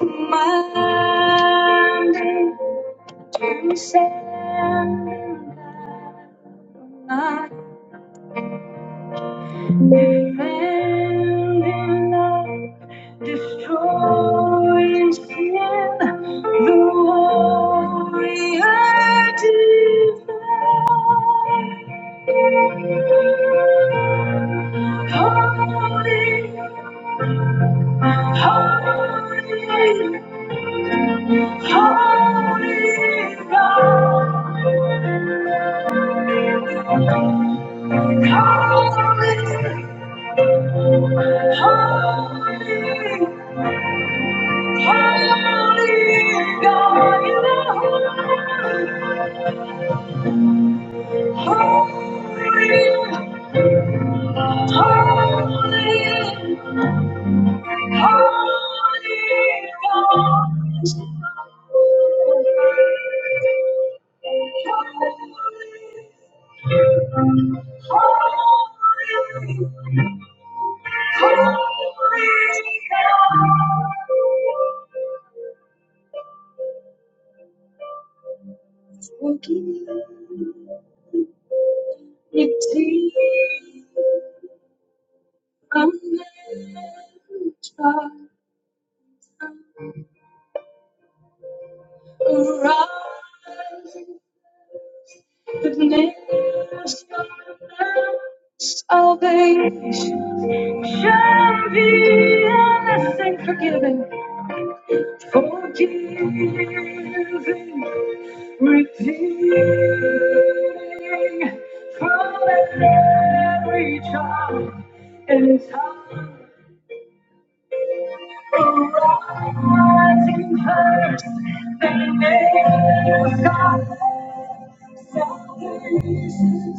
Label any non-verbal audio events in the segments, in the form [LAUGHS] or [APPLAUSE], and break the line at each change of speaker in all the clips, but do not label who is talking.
Monday, Tuesday, and I defend in love, destroying sin, the warrior divine. Holy, holy, Holy God, holy, holy, holy God, you are holy, holy, holy. Salvation shall be endless, and forgiving. Forgiving, redeeming from every charm and time arising first, then nails God salvation's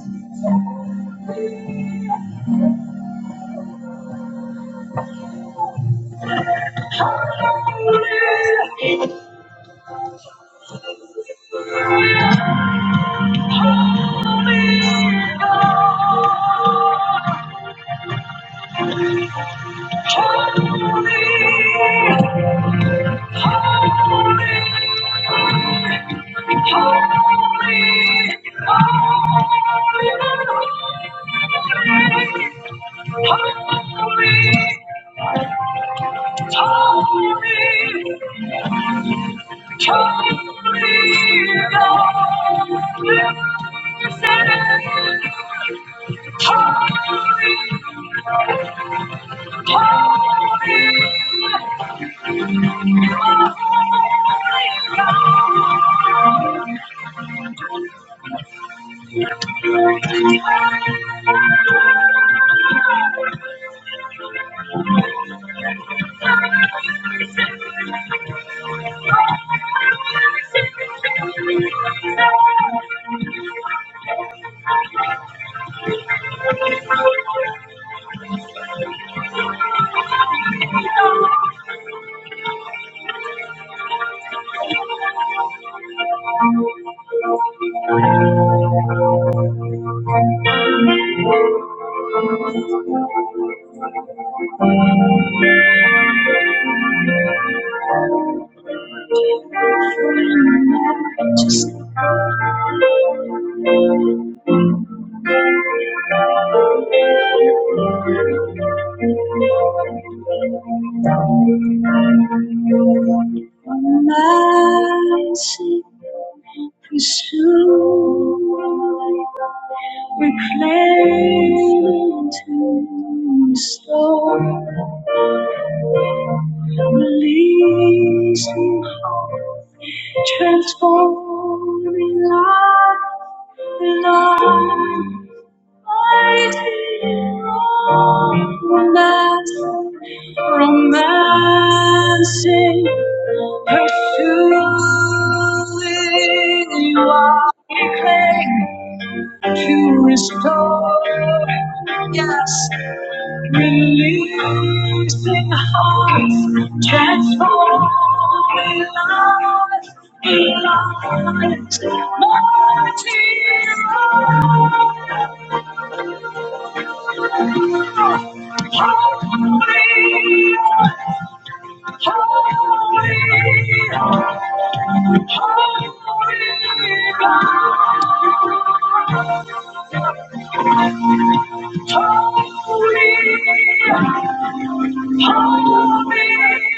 holy. righteous, Mercy, pursue, reclaim to restore, release me, transform me, life, life. Romance, romancing, pursuing you are reclaiming to restore. Yes, releasing hearts, transforming lives, lives. mighty Holy, holy, holy, holy, holy, holy.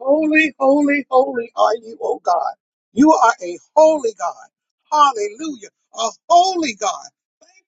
Holy, holy, holy are you, O God. You are a holy God. Hallelujah. A holy God.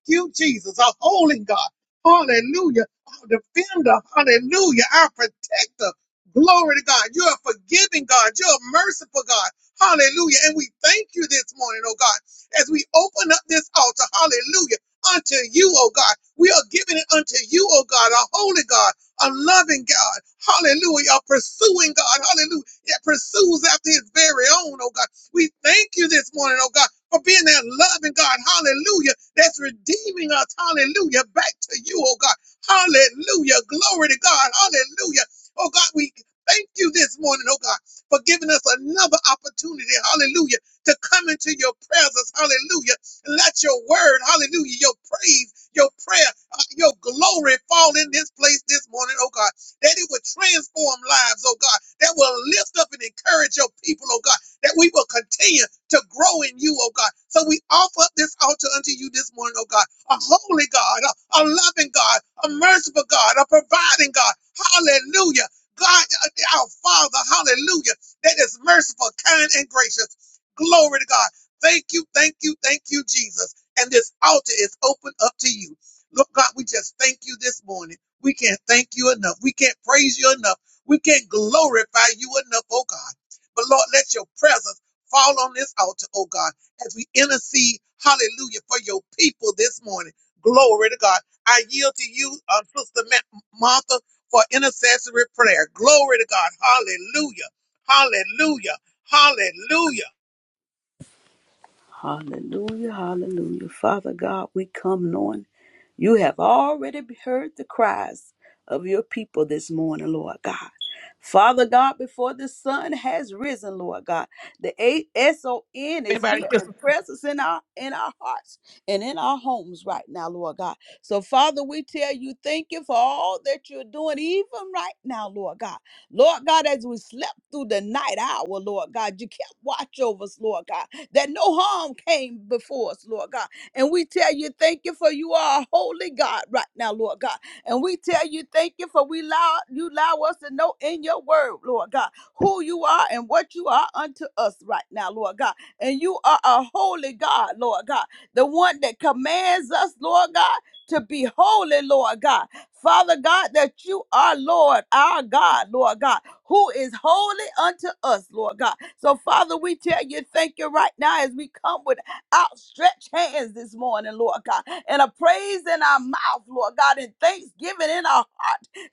you, Jesus, our holy God. Hallelujah. Our defender. Hallelujah. Our protector. Glory to God. You're a forgiving God. You're a merciful God. Hallelujah. And we thank you this morning, oh God, as we open up this altar. Hallelujah. Unto you, oh God. We are giving it unto you, oh God, a holy God, a loving God. Hallelujah. A pursuing God. Hallelujah. That pursues after his very own, oh God. We thank you this morning, oh God, for being that loving God. Hallelujah that's redeeming us, hallelujah, back to you, oh God. Hallelujah. Glory to God. Hallelujah. Oh God, we thank you this morning, oh God, for giving us another opportunity, hallelujah, to come into your presence, hallelujah. And let your word, hallelujah, your praise, your prayer, uh, your glory fall in this place this morning, oh God, that it would transform lives, oh God, that will lift up and encourage your people, oh God that we will continue to grow in you, oh God. So we offer up this altar unto you this morning, oh God, a holy God, a, a loving God, a merciful God, a providing God. Hallelujah. God, uh, our Father, hallelujah, that is merciful, kind, and gracious. Glory to God. Thank you, thank you, thank you, Jesus. And this altar is open up to you. Lord God, we just thank you this morning. We can't thank you enough. We can't praise you enough. We can't glorify you enough, oh God. But Lord, let your presence fall on this altar, oh God, as we intercede, hallelujah, for your people this morning. Glory to God. I yield to you, uh, Sister Ma- Martha, for intercessory prayer. Glory to God. Hallelujah. Hallelujah. Hallelujah.
Hallelujah, hallelujah. Father God, we come knowing you have already heard the cries of your people this morning, Lord God. Father God, before the sun has risen, Lord God, the A- S-O-N is here
Anybody
and presence in our in our hearts and in our homes right now, Lord God. So, Father, we tell you, thank you for all that you're doing, even right now, Lord God. Lord God, as we slept through the night hour, Lord God, you kept watch over us, Lord God, that no harm came before us, Lord God. And we tell you, thank you for you are a holy God right now, Lord God. And we tell you, thank you for we allow you allow us to know in your word, Lord God, who you are and what you are unto us right now, Lord God. And you are a holy God, Lord God, the one that commands us, Lord God, to be holy, Lord God. Father God, that you are Lord, our God, Lord God, who is holy unto us, Lord God. So, Father, we tell you, thank you right now as we come with outstretched hands this morning, Lord God and a praise in our mouth, Lord God, and thanksgiving in our heart,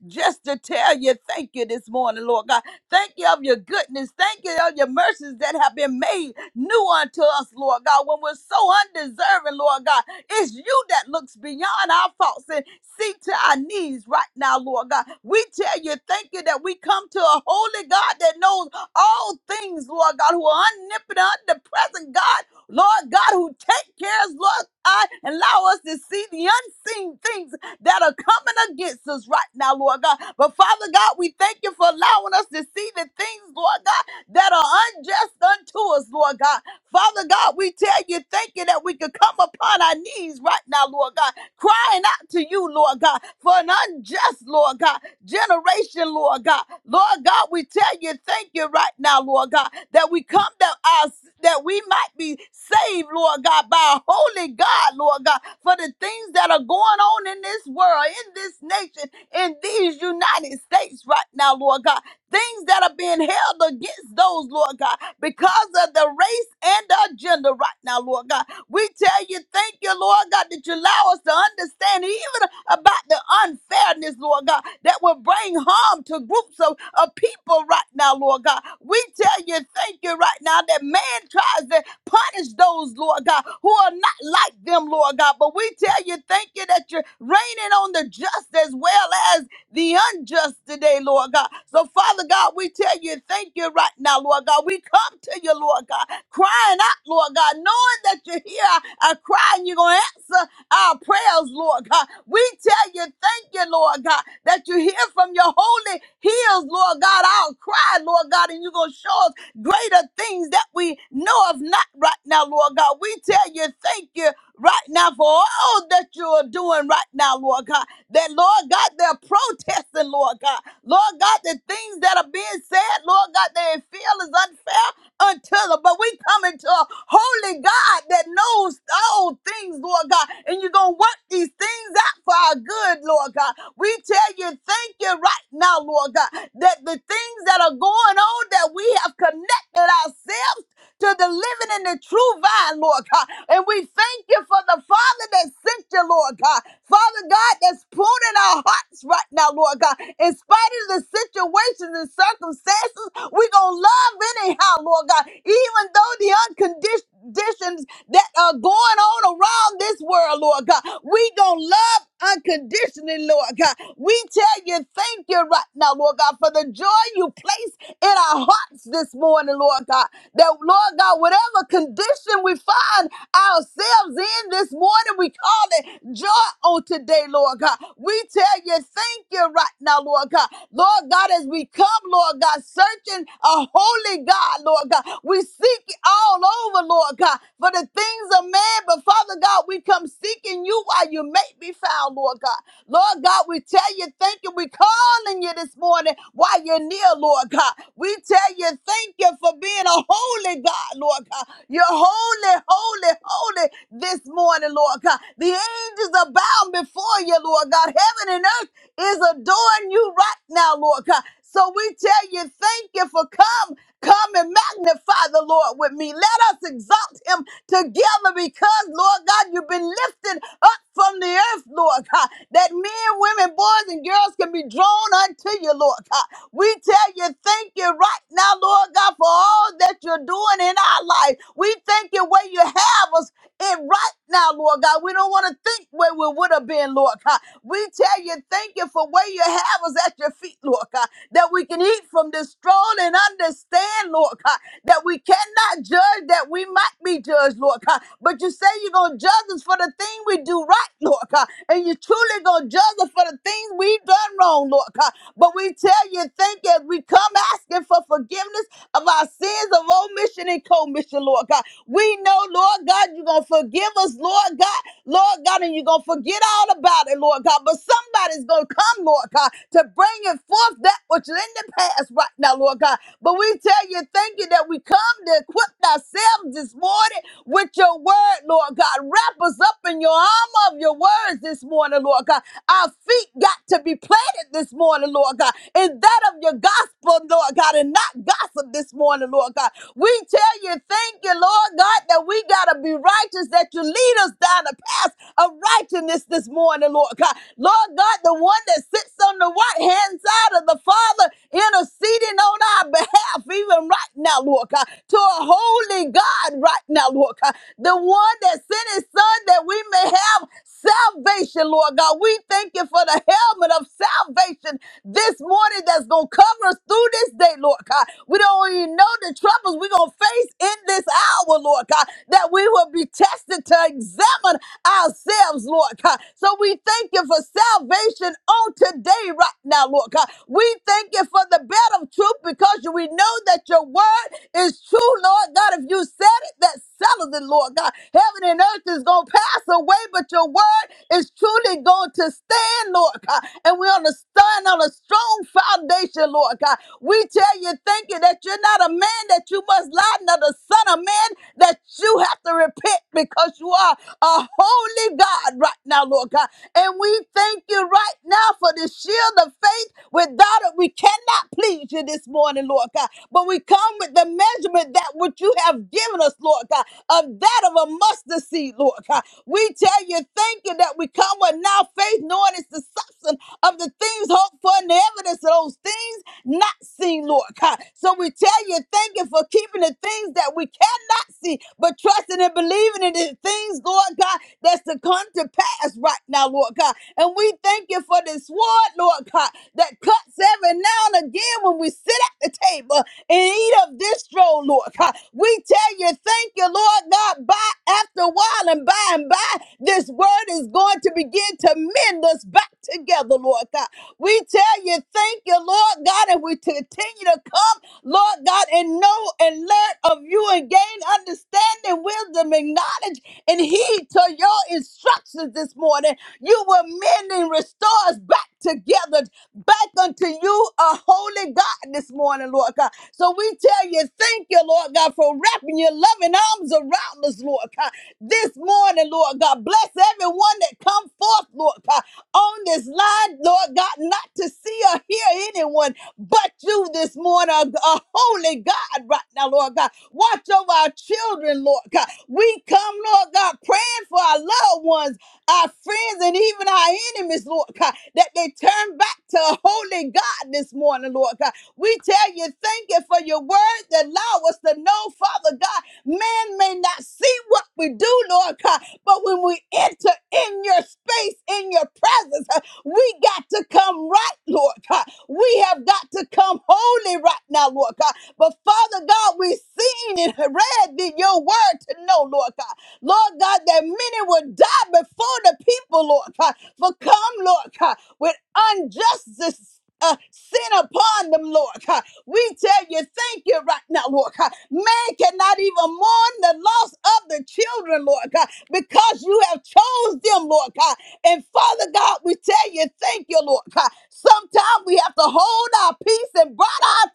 just to tell you thank you this morning, Lord God. Thank you of your goodness. Thank you of your mercies that have been made new unto us, Lord God. When we're so undeserving, Lord God, it's you that looks beyond our faults and see to our needs right now, Lord God. We tell you thank you that we come to a holy God that knows all things, Lord God, who are omnipotent, omnipresent God Lord God, who take cares, Lord God, and allow us to see the unseen things that are coming against us right now, Lord God. But Father God, we thank you for allowing us to see the things, Lord God, that are unjust unto us, Lord God. Father God, we tell you, thank you that we could come upon our knees right now, Lord God, crying out to you, Lord God, for an unjust, Lord God, generation, Lord God. Lord God, we tell you, thank you right now, Lord God, that we come that our that we might be saved, Lord God, by a holy God, Lord God, for the things that are going on in this world, in this nation, in these United States right now, Lord God. Things that are being held against those, Lord God, because of the race and the agenda right now, Lord God. We tell you, thank you, Lord God God, that you allow us to understand even about the unfairness, Lord God, that will bring harm to groups of, of people right now, Lord God. We tell you, thank you right now that man tries to punish those, Lord God, who are not like them, Lord God. But we tell you, thank you that you're raining on the just as well as the unjust today, Lord God. So, Father God, we tell you, thank you right now, Lord God. We come to you, Lord God, crying out, Lord God, knowing that you hear our cry and you're going to answer our prayers, Lord God. We tell you, thank you, Lord God, that you hear from your holy hills, Lord God, our cry, Lord God, and you're going to show us greater things that we know of not right now, Lord God. We tell you, thank you right now for all that you are doing right now, Lord God. That, Lord God, they're protesting, Lord God. Lord God, the things that are being said, Lord God, they feel is unfair until them. But we come into a holy God that knows all things, Lord God. And you're going to work these things out for our good, Lord God. We tell you, thank you right now, Lord God, that the things that are going on that we have connected ourselves to the living and the true vine, Lord God. And we thank you for the Father that sent you, Lord God. Father God, that's pruning our hearts right now, Lord God. In spite of the situations and circumstances, we're going to love anyhow, Lord God. Even though the unconditional conditions that are going on around this world, Lord God. We gonna love unconditionally, Lord God. We tell you thank you right now, Lord God, for the joy you placed in our hearts this morning, Lord God. That Lord God, whatever condition we find ourselves in this morning, we call it joy on today, Lord God. We tell you thank you right now, Lord God. Lord God, as we come, Lord God, searching a holy God, Lord God. We seek all over, Lord God, for the things of man. But Father God, we come seeking you while you may be found, Lord God. Lord God, we tell you thank you. We calling you this morning while you're near, Lord God. We tell you thank you for being a holy God, Lord God. You're holy, holy, holy this morning, Lord God. The angels are bound before you, Lord God. Heaven and earth is adoring you right now, Lord God. So we tell you thank you for come. Come and magnify the Lord with me. Let us exalt him together because, Lord God, you've been lifted up from the earth, Lord God, that men, women, boys, and girls can be drawn unto you, Lord God. We tell you, thank you right now, Lord God, for all that you're doing in our life. We thank you where you have us it right now, Lord God. We don't want to think where we would have been, Lord God. We tell you, thank you for where you have us at your feet, Lord God, that we can eat from this throne and understand, Lord God, that we cannot judge, that we might be judged, Lord God. But you say you're going to judge us for the thing we do right, Lord God, and you truly going to judge us for the things we've done wrong, Lord God. But we tell you, thank you as we come asking for forgiveness of our sins, of omission and commission, Lord God. We know, Lord God, you're going to forgive us, Lord God, Lord God, and you're going to forget all about it, Lord God. But somebody's going to come, Lord God, to bring it forth that which is in the past right now, Lord God. But we tell you, thank you that we come to equip ourselves this morning with your word, Lord God. Wrap us up in your armor of your words this morning, Lord God. Our feet got to be planted this morning, Lord God, in that of your gospel, Lord God, and not gossip this morning, Lord God. We tell you, thank you, Lord God, that we got to be righteous, that you lead us down the path of righteousness this morning, Lord God. Lord God, the one that sits on the right hand side of the Father interceding on our behalf, even right now, Lord God, to a holy God right now, Lord God. The one that sent his son that we may have salvation, Lord God. We thank you for the helmet of salvation this morning that's going to cover us through this day, Lord God. We don't even know the troubles we're going to face in this hour, Lord God, that we will be tested to examine ourselves, Lord God. So we thank you for salvation on today, right now, Lord God. We thank you for the bed of truth because you- we know that your word is true, Lord God. If you said it, that settles it, Lord God. Heaven and earth is going to pass away, but your word is truly going to stand, Lord God. And we're going to stand on a strong foundation, Lord God. We tell you, thank you that you're not a man that you must lie, nor the son of man that you have to repent because you are a holy God right now, Lord God. And we thank you right now for the shield of faith. Without it, we cannot please you this morning, Lord God. But we come with the measurement that which you have given us, Lord God, of that of a mustard seed, Lord God. We tell you, thank you that we come with now faith, knowing it's the substance of the things hoped for and the evidence of those things not seen, Lord God. So we tell you, thank you for keeping the things that we cannot see, but trusting and believing in the things, Lord God, that's to come to pass right now, Lord God. And we thank you for this sword, Lord God, that cuts every now and again when we sit at the table and eat of this roll, Lord God. We tell you, thank you, Lord God, by after a while and by and by, this word is going to begin to mend us back together, Lord God. We tell you, thank you, Lord God, and we continue to come, Lord God, and know and learn of you and gain understanding, wisdom, and knowledge, and heed to your instructions this morning. You will mend and restore us back together, back unto you, a holy God, this morning, Lord God. So we tell you, thank you, Lord God, for wrapping your loving arms around us, Lord God. This morning, Lord God, bless everyone that come forth, Lord God on this line, Lord God, not to see or hear anyone but you this morning, a, a holy God, right now, Lord God. Watch over our children, Lord God. We come, Lord God, praying for our loved ones our friends and even our enemies, Lord God, that they turn back to a holy God this morning, Lord God. We tell you, thank you for your word that allow us to know, Father God. Man may not see what we do, Lord God, but when we enter in your space, in your presence, uh, we got to come right, Lord God. We have got to come holy, truly right now, Lord God. But Father God, we've seen and read the, your word to know, Lord God. Lord God, that many will die before the people, Lord God. For come, Lord God, with unjustice. Uh, sin upon them, Lord. We tell you, thank you right now, Lord God. Man cannot even mourn the loss of the children, Lord God, because you have chose them, Lord God. And Father God, we tell you, thank you, Lord God. Sometimes we have to hold our peace and bite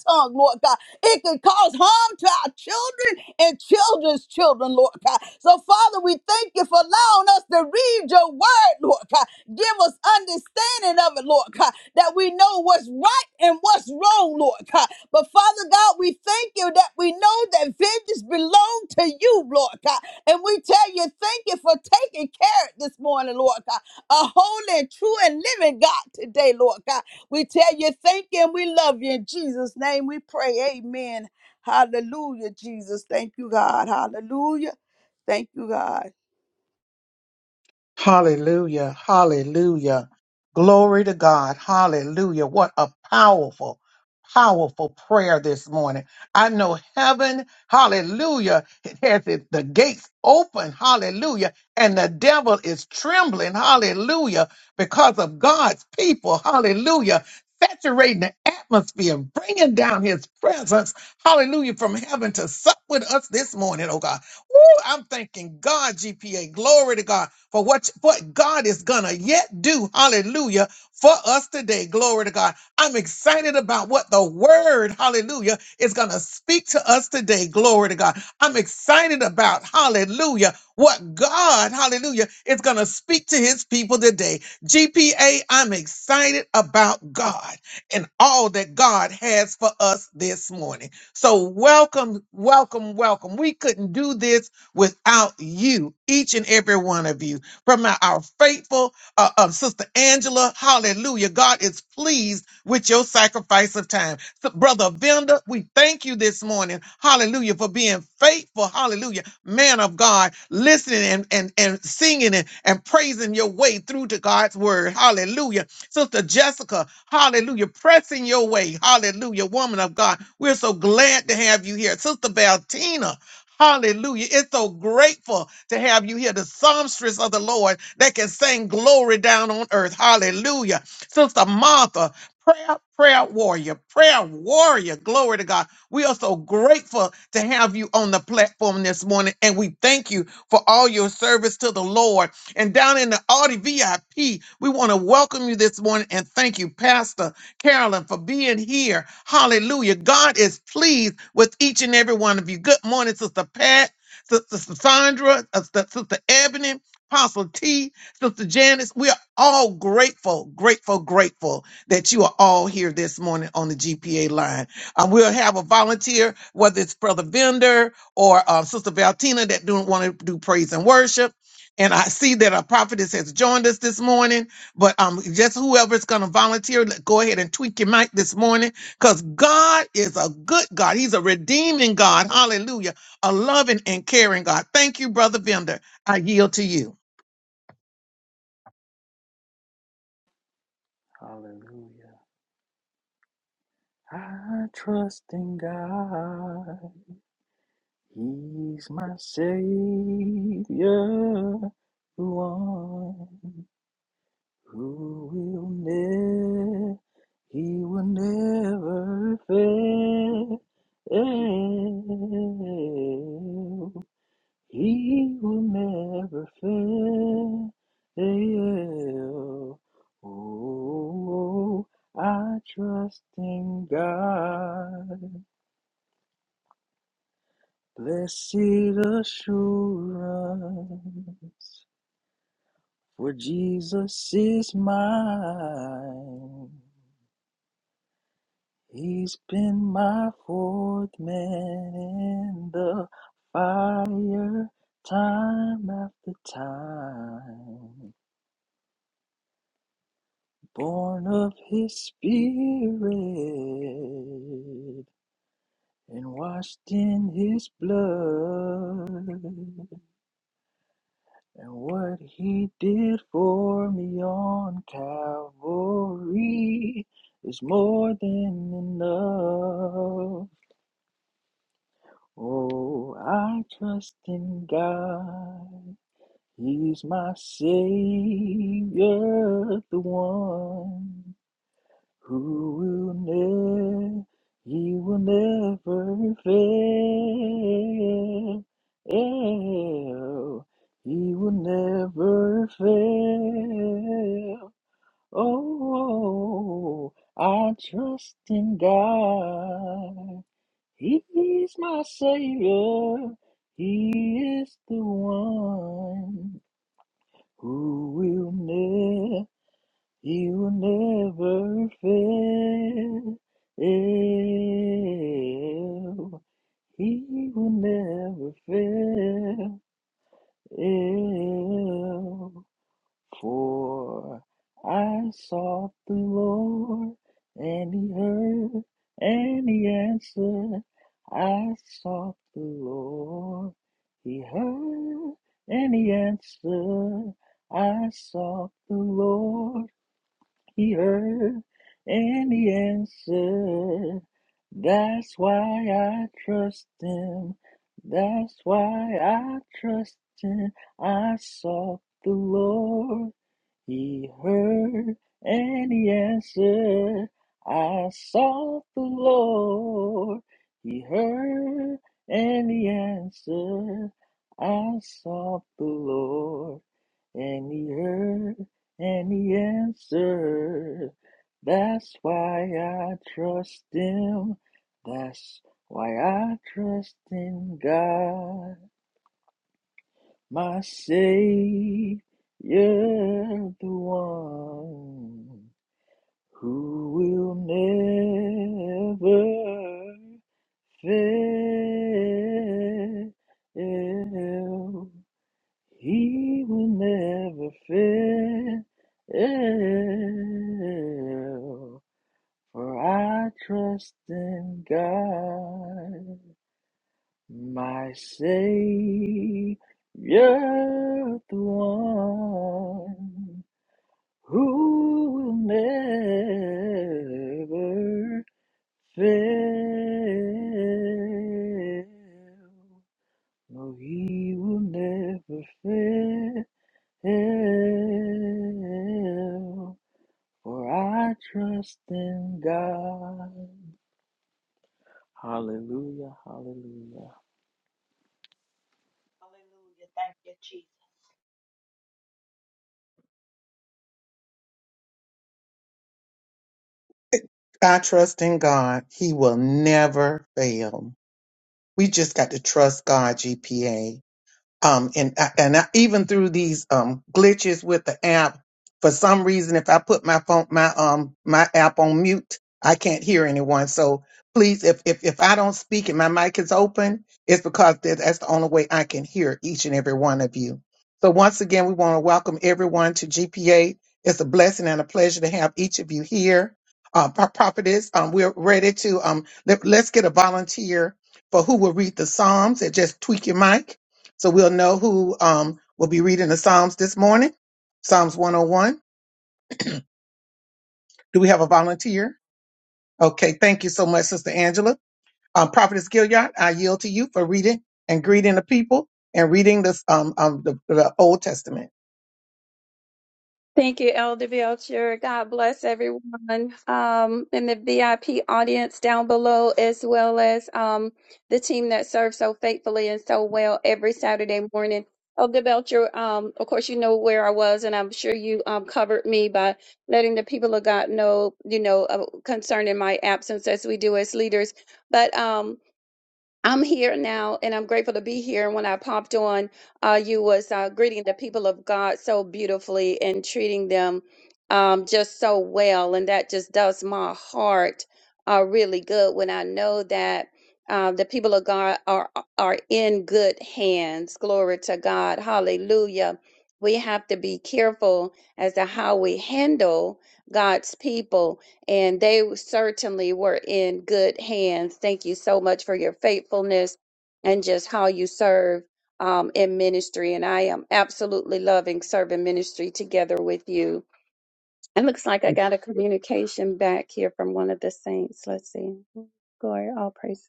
our tongue, Lord God. It can cause harm to our our children and children's children, Lord God. So, Father, we thank you for allowing us to read your word, Lord God. Give us understanding of it, Lord God, that we know what's right and what's wrong, Lord God. But, Father God, we thank you that we know that vengeance belong to you, Lord God. And we tell you, thank you for taking care of it this morning, Lord God. A holy and true and living God today, Lord God. We tell you, thank you, and we love you. In Jesus' name we pray. Amen. Hallelujah, Jesus. Thank you, God. Hallelujah. Thank you, God.
Hallelujah. Hallelujah. Glory to God. Hallelujah. What a powerful, powerful prayer this morning. I know heaven, hallelujah, it has it, the gates open. Hallelujah. And the devil is trembling. Hallelujah. Because of God's people. Hallelujah. Saturating the atmosphere, bringing down his presence. Hallelujah. From heaven to sup with us this morning, oh God. Woo, I'm thanking God, GPA. Glory to God for what what God is gonna yet do. Hallelujah. For us today. Glory to God. I'm excited about what the word, hallelujah, is gonna speak to us today. Glory to God. I'm excited about hallelujah. What God, hallelujah, is gonna speak to his people today. GPA, I'm excited about God and all that God has for us this morning. So welcome, welcome, welcome. We couldn't do this without you, each and every one of you from our, our faithful uh, uh, Sister Angela. Hallelujah. God is pleased with your sacrifice of time. So, Brother Venda, we thank you this morning. Hallelujah. For being faithful. Hallelujah. Man of God, listening and, and, and singing and, and praising your way through to God's word. Hallelujah. Sister Jessica, hallelujah, pressing your way. Hallelujah, woman of God. We're so glad to have you here. Sister Valtina, Hallelujah. It's so grateful to have you here, the songstress of the Lord that can sing glory down on earth. Hallelujah. Sister Martha, prayer, prayer warrior, prayer warrior. Glory to God. We are so grateful to have you on the platform this morning, and we thank you for all your service to the Lord. And down in the Audi VIP, we want to welcome you this morning and thank you, Pastor. Carolyn, for being here. Hallelujah. God is pleased with each and every one of you. Good morning, Sister Pat, Sister Sandra, uh, Sister Sister Ebony, Apostle T, Sister Janice. We are all grateful, grateful, grateful that you are all here this morning on the GPA line. Uh, we'll have a volunteer, whether it's Brother Vender or uh, Sister Valtina that don't want to do praise and worship. And I see that our prophetess has joined us this morning. But um, just whoever's going to volunteer, let- go ahead and tweak your mic this morning because God is a good God. He's a redeeming God. Hallelujah. A loving and caring God. Thank you, Brother Vender. I yield to you.
Hallelujah. I trust in God. He's my Savior, the one who will never, He will never fail. He will never fail. Oh, I trust in God. Blessed assurance, for Jesus is mine. He's been my fourth man in the fire, time after time. Born of his spirit and washed in his blood. And what he did for me on Calvary is more than enough. Oh, I trust in God. He's my Savior, the one. Who will never, he will never fail. He will never fail. Oh, I trust in God. He is my Savior. He is the one who will never. You will never fail. He will never fail. For I sought the Lord, and He heard, and He answered. I sought the Lord, He heard, and He answered. I sought the Lord. He heard and he answered. That's why I trust him. That's why I trust him. I sought the Lord. He heard and he answered. I sought the Lord. He heard and he answered. I sought the Lord. And he heard and he answered. That's why I trust him. That's why I trust in God, my Savior, the one who will never fail. He will never fail, for I trust in God, my Savior, the one who will never fail. No, he will never fail hell, for I trust in God. Hallelujah, hallelujah.
Hallelujah. Thank you, Jesus.
I trust in God. He will never fail. We just got to trust God, GPA um and I- and I, even through these um glitches with the app for some reason if i put my phone my um my app on mute i can't hear anyone so please if if, if i don't speak and my mic is open it's because that- that's the only way i can hear each and every one of you so once again we want to welcome everyone to gpa it's a blessing and a pleasure to have each of you here uh Pro- prophetess um we're ready to um let, let's get a volunteer for who will read the psalms and just tweak your mic so we'll know who um, will be reading the Psalms this morning. Psalms 101. Do we have a volunteer? Okay, thank you so much, Sister Angela. Um, Prophetess Gilliard, I yield to you for reading and greeting the people and reading this, um, um, the, the Old Testament.
Thank you, Elder Belcher. God bless everyone um, in the VIP audience down below, as well as um, the team that serves so faithfully and so well every Saturday morning. Elder Belcher, um, of course, you know where I was, and I'm sure you um, covered me by letting the people of God know, you know, uh, concerning my absence as we do as leaders. But um, I'm here now, and I'm grateful to be here. And when I popped on, uh, you was uh, greeting the people of God so beautifully and treating them um, just so well, and that just does my heart uh, really good when I know that uh, the people of God are are in good hands. Glory to God, Hallelujah. We have to be careful as to how we handle God's people and they certainly were in good hands. Thank you so much for your faithfulness and just how you serve um, in ministry. And I am absolutely loving serving ministry together with you. It looks like I got a communication back here from one of the saints. Let's see. Glory, all praise.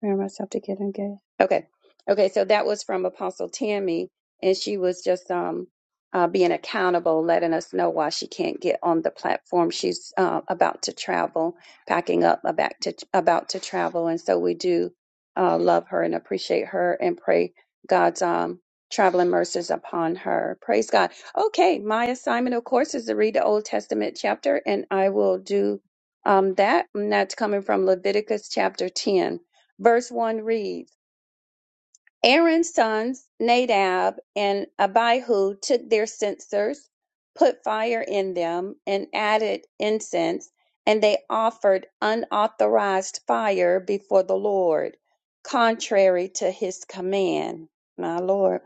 Where am I supposed to get and get? Okay. Okay. So that was from Apostle Tammy, and she was just um, uh, being accountable, letting us know why she can't get on the platform. She's uh, about to travel, packing up, about to about to travel, and so we do uh, love her and appreciate her and pray God's um, traveling mercies upon her. Praise God. Okay, my assignment, of course, is to read the Old Testament chapter, and I will do um, that. And that's coming from Leviticus chapter ten. Verse 1 reads, Aaron's sons, Nadab and Abihu, took their censers, put fire in them, and added incense, and they offered unauthorized fire before the Lord, contrary to his command. My Lord.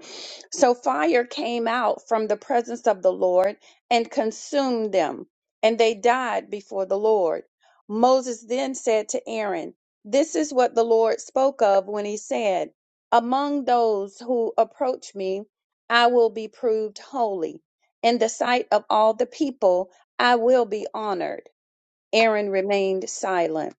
So fire came out from the presence of the Lord and consumed them, and they died before the Lord. Moses then said to Aaron, This is what the Lord spoke of when he said, among those who approach me, I will be proved holy. In the sight of all the people, I will be honored. Aaron remained silent.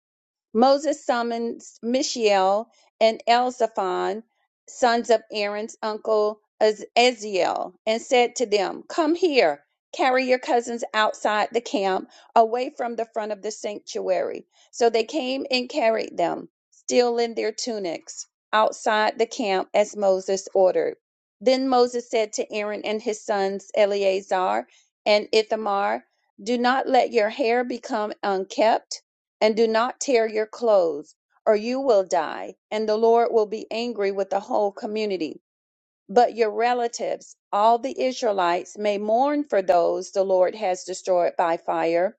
Moses summoned Mishael and Elzaphan, sons of Aaron's uncle Az- Azazel, and said to them, Come here, carry your cousins outside the camp, away from the front of the sanctuary. So they came and carried them, still in their tunics, outside the camp as Moses ordered. Then Moses said to Aaron and his sons Eleazar and Ithamar, Do not let your hair become unkempt." and do not tear your clothes, or you will die, and the Lord will be angry with the whole community. But your relatives, all the Israelites, may mourn for those the Lord has destroyed by fire.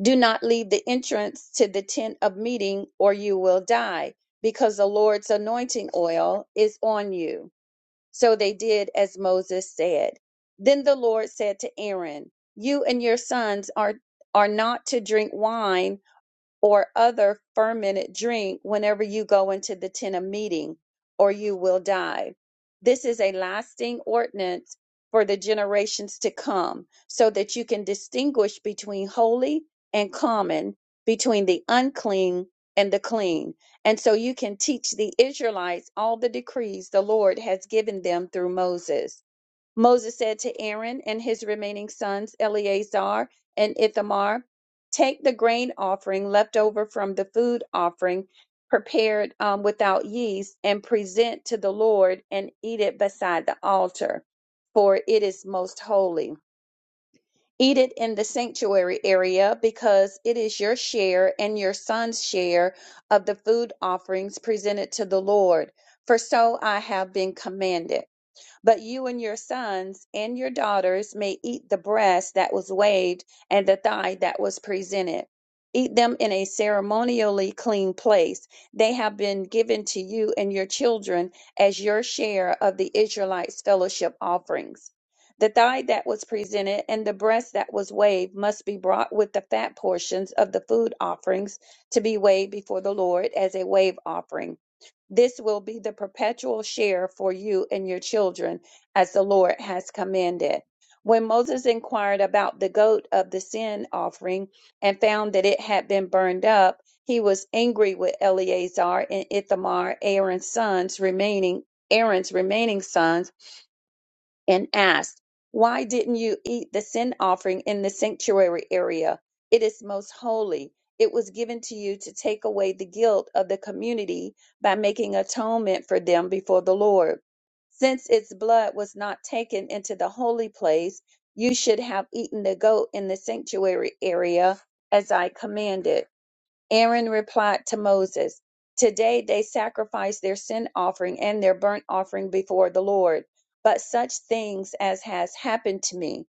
Do not leave the entrance to the tent of meeting, or you will die, because the Lord's anointing oil is on you. So they did as Moses said. Then the Lord said to Aaron, You and your sons are, are not to drink wine or other fermented drink whenever you go into the tent of meeting, or you will die. This is a lasting ordinance for the generations to come, so that you can distinguish between holy and common, between the unclean and the clean. And so you can teach the Israelites all the decrees the Lord has given them through Moses. Moses said to Aaron and his remaining sons, Eleazar and Ithamar, Take the grain offering left over from the food offering prepared um, without yeast and present to the Lord and eat it beside the altar, for it is most holy. Eat it in the sanctuary area because it is your share and your son's share of the food offerings presented to the Lord, for so I have been commanded. But you and your sons and your daughters may eat the breast that was waved and the thigh that was presented. Eat them in a ceremonially clean place. They have been given to you and your children as your share of the Israelites' fellowship offerings. The thigh that was presented and the breast that was waved must be brought with the fat portions of the food offerings to be weighed before the Lord as a wave offering this will be the perpetual share for you and your children, as the Lord has commanded. When Moses inquired about the goat of the sin offering and found that it had been burned up, he was angry with Eleazar and Ithamar, Aaron's sons, remaining Aaron's remaining sons and asked, Why didn't you eat the sin offering in the sanctuary area? It is most holy. It was given to you to take away the guilt of the community by making atonement for them before the Lord. Since its blood was not taken into the holy place, you should have eaten the goat in the sanctuary area as I commanded. Aaron replied to Moses, Today they sacrifice their sin offering and their burnt offering before the Lord, but such things as has happened to me.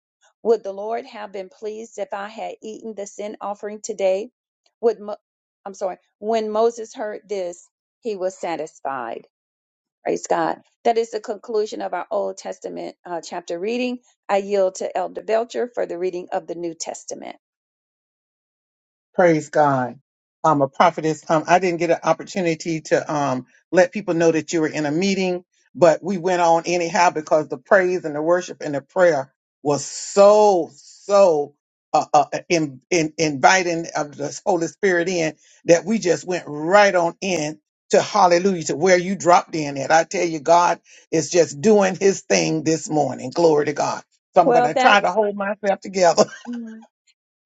Would the Lord have been pleased if I had eaten the sin offering today? Would Mo- I'm sorry. When Moses heard this, he was satisfied. Praise God. That is the conclusion of our Old Testament uh, chapter reading. I yield to Elder Belcher for the reading of the New Testament.
Praise God. Um, a prophetess. Um, I didn't get an opportunity to um let people know that you were in a meeting, but we went on anyhow because the praise and the worship and the prayer was so so uh, uh uh, in, in inviting of the Holy Spirit in that we just went right on in to Hallelujah to where you dropped in at. I tell you, God is just doing His thing this morning. Glory to God. So I'm going
Well,
to
that.
try to hold myself together.
Mhm.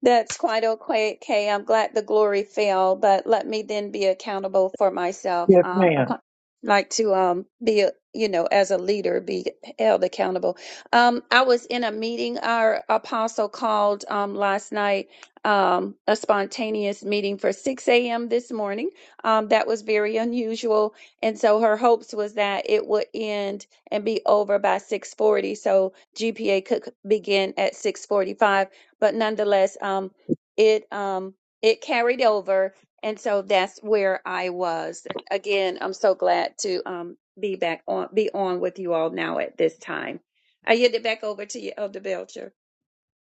That's quite okay, Kay. I'm glad the glory fell, but let me then be accountable for myself.
Yes,
Um, I
ma'am.
can't- like to um be a, you know as a leader be held accountable. Um, I was in a meeting our apostle called um last night, um a spontaneous meeting for 6 a.m. this morning. Um, that was very unusual, and so her hopes was that it would end and be over by 6:40, so GPA could begin at 6:45 but nonetheless, um, it um, it carried over, and so that's where I was. Again, I'm so glad to um, be back on, be on with you all now at this time. I yield it back over to you, Elder Belcher.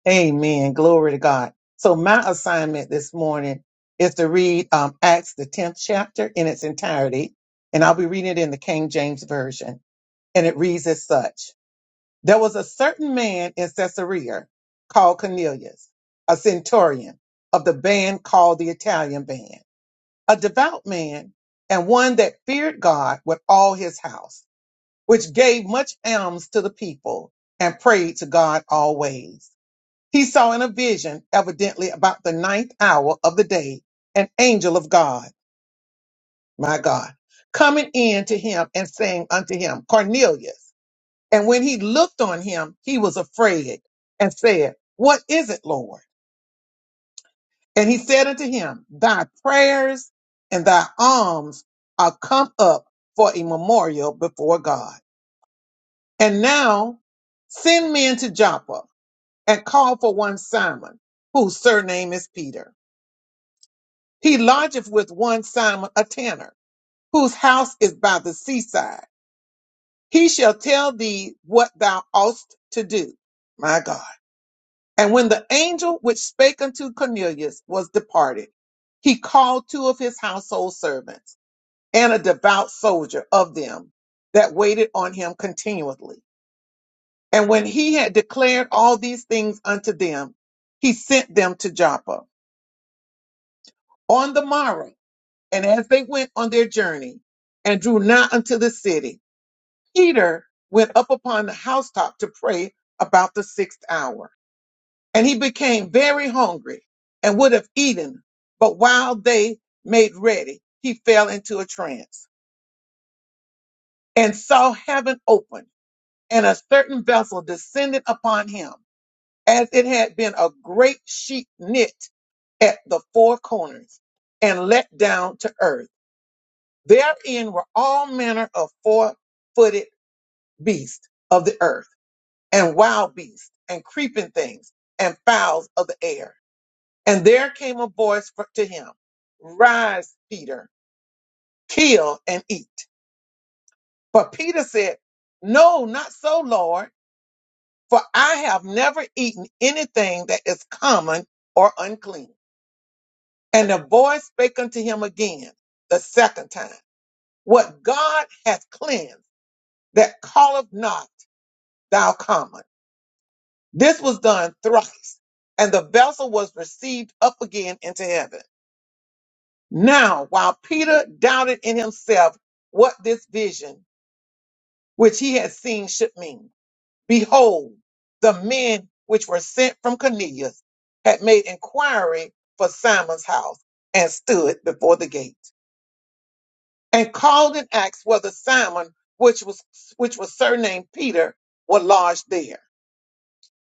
Amen. Glory to God. So my assignment this morning is to read um, Acts the tenth chapter in its entirety, and I'll be reading it in the King James version, and it reads as such: There was a certain man in Caesarea called Cornelius, a centurion of the band called the Italian Band, a devout man and one that feared God with all his house which gave much alms to the people and prayed to God always. He saw in a vision, evidently about the ninth hour of the day, an angel of God, my God, coming in to him and saying unto him, Cornelius. And when he looked on him, he was afraid and said, What is it, Lord? And he said unto him, Thy prayers and thy alms are come up for a memorial before God. And now send men to Joppa and called for one Simon, whose surname is Peter. He lodgeth with one Simon, a tanner, whose house is by the seaside. He shall tell thee what thou oughtest to do. My God. And when the angel which spake unto Cornelius was departed, he called two of his household servants and a devout soldier of them that waited on him continually. And when he had declared all these things unto them, he sent them to Joppa. On the morrow, And as they went on their journey and drew nigh unto the city, Peter went up upon the housetop to pray about the sixth hour. And he became very hungry and would have eaten. But while they made ready, he fell into a trance and saw heaven open and a certain vessel descended upon him as it had been a great sheet knit at the four corners and let down to earth Therein were all manner of four footed beasts of the earth, and wild beasts, and creeping things, and fowls of the air. And there came a voice fro- to him, Rise, Peter, kill and eat. But Peter said, No, not so, Lord, for I have never eaten anything that is common or unclean. And the voice spake unto him again the second time, What God hath cleansed, that calleth not thou common. This was done thrice, and the vessel was received up again into heaven. Now, while Peter doubted in himself what this vision which he had seen should mean, behold, the men which were sent from Cornelius had made inquiry for Simon's house and stood before the gate and called and asked whether Simon, which was which was surnamed Peter, were lodged there.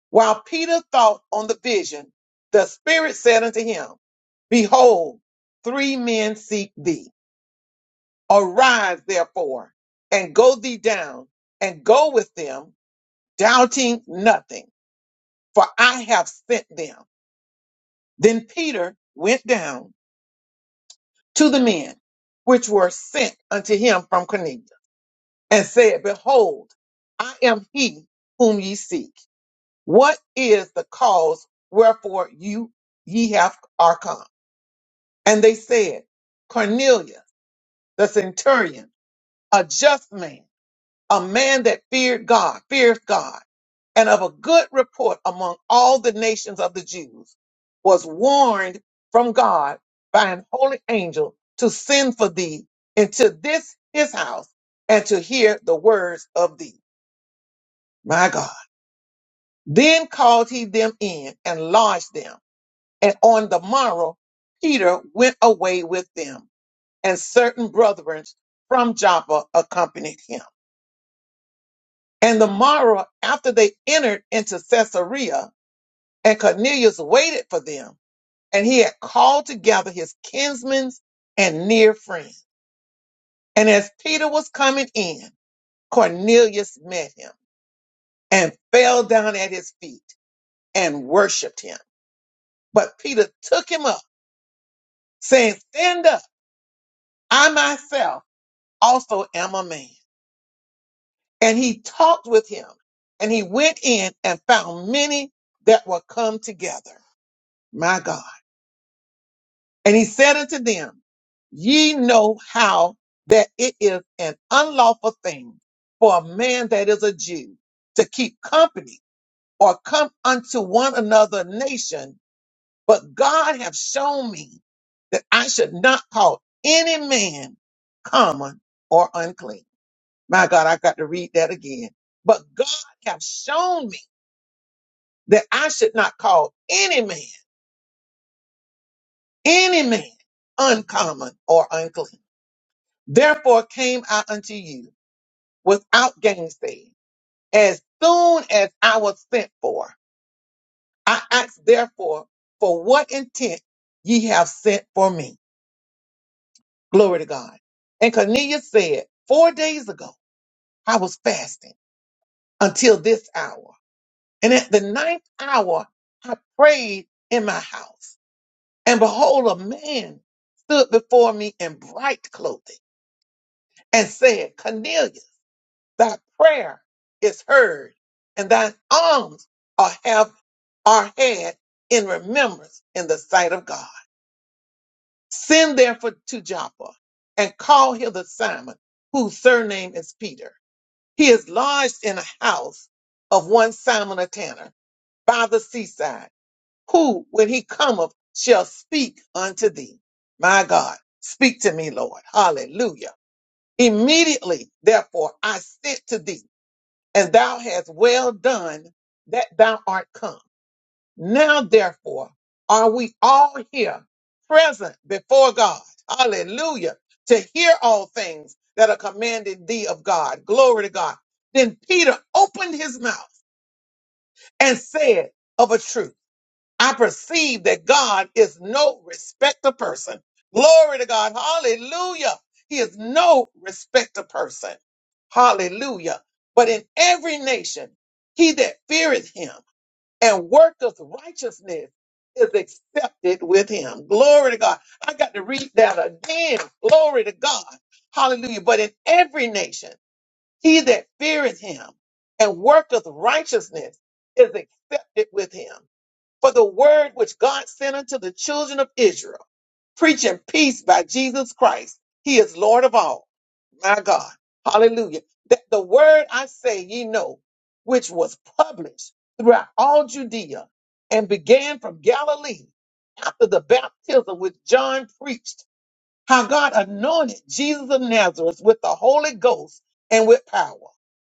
While Peter thought on the vision, the Spirit said unto him, Behold, three men seek thee. Arise therefore and go thee down and go with them, doubting nothing, for I have sent them. Then Peter went down to the men which were sent unto him from Cornelius and said, Behold, I am he whom ye seek. What is the cause wherefore you ye have are come? And they said, Cornelius, the centurion, a just man, a man that feared God, fears God, and of a good report among all the nations of the Jews, was warned from God by an holy angel to send for thee into this his house and to hear the words of thee. My God. Then called he them in and lodged them. And on the morrow, Peter went away with them and certain brethren from Joppa accompanied him. And the morrow after they entered into Caesarea, and Cornelius waited for them, and he had called together his kinsmen and near friends. And as Peter was coming in, Cornelius met him and fell down at his feet and worshiped him. But Peter took him up, saying, Stand up, I myself also am a man. and he talked with him and he went in and found many that were come together. My God. And he said unto them, ye know how that it is an unlawful thing for a man that is a Jew to keep company or come unto one another nation. But God hath shown me that I should not call any man common or unclean. My God, I got to read that again. But God hath shown me that I should not call any man, any man uncommon or unclean. Therefore came I unto you without gainsaying. As soon as I was sent for, I asked therefore for what intent ye have sent for me. Glory to God. And Cornelius said, four days ago, I was fasting until this hour. And at the ninth hour, I prayed in my house. And behold, a man stood before me in bright clothing and said, Cornelius, thy prayer is heard, and thine alms are, have, are had in remembrance in the sight of God. Send therefore to Joppa and call hither Simon, whose surname is Peter. He is lodged in a house of one Simon a tanner by the seaside who when he cometh shall speak unto thee. My God, speak to me, Lord. Hallelujah. Immediately, therefore, I sent to thee, and thou hast well done that thou art come. Now, therefore, are we all here present before God? Hallelujah. To hear all things that are commanded thee of God. Glory to God. Then Peter opened his mouth and said of a truth. I perceive that God is no respecter person. Glory to God. Hallelujah. He is no respecter person. Hallelujah. But in every nation, he that feareth him and worketh righteousness is accepted with him. Glory to God. I got to read that again. Glory to God. Hallelujah. But in every nation, he that feareth him and worketh righteousness is accepted with him for the word which God sent unto the children of Israel, preaching peace by Jesus Christ. He is Lord of all. My God. Hallelujah. That the word I say ye know, which was published throughout all Judea and began from Galilee after the baptism which John preached, how God anointed Jesus of Nazareth with the Holy Ghost and with power,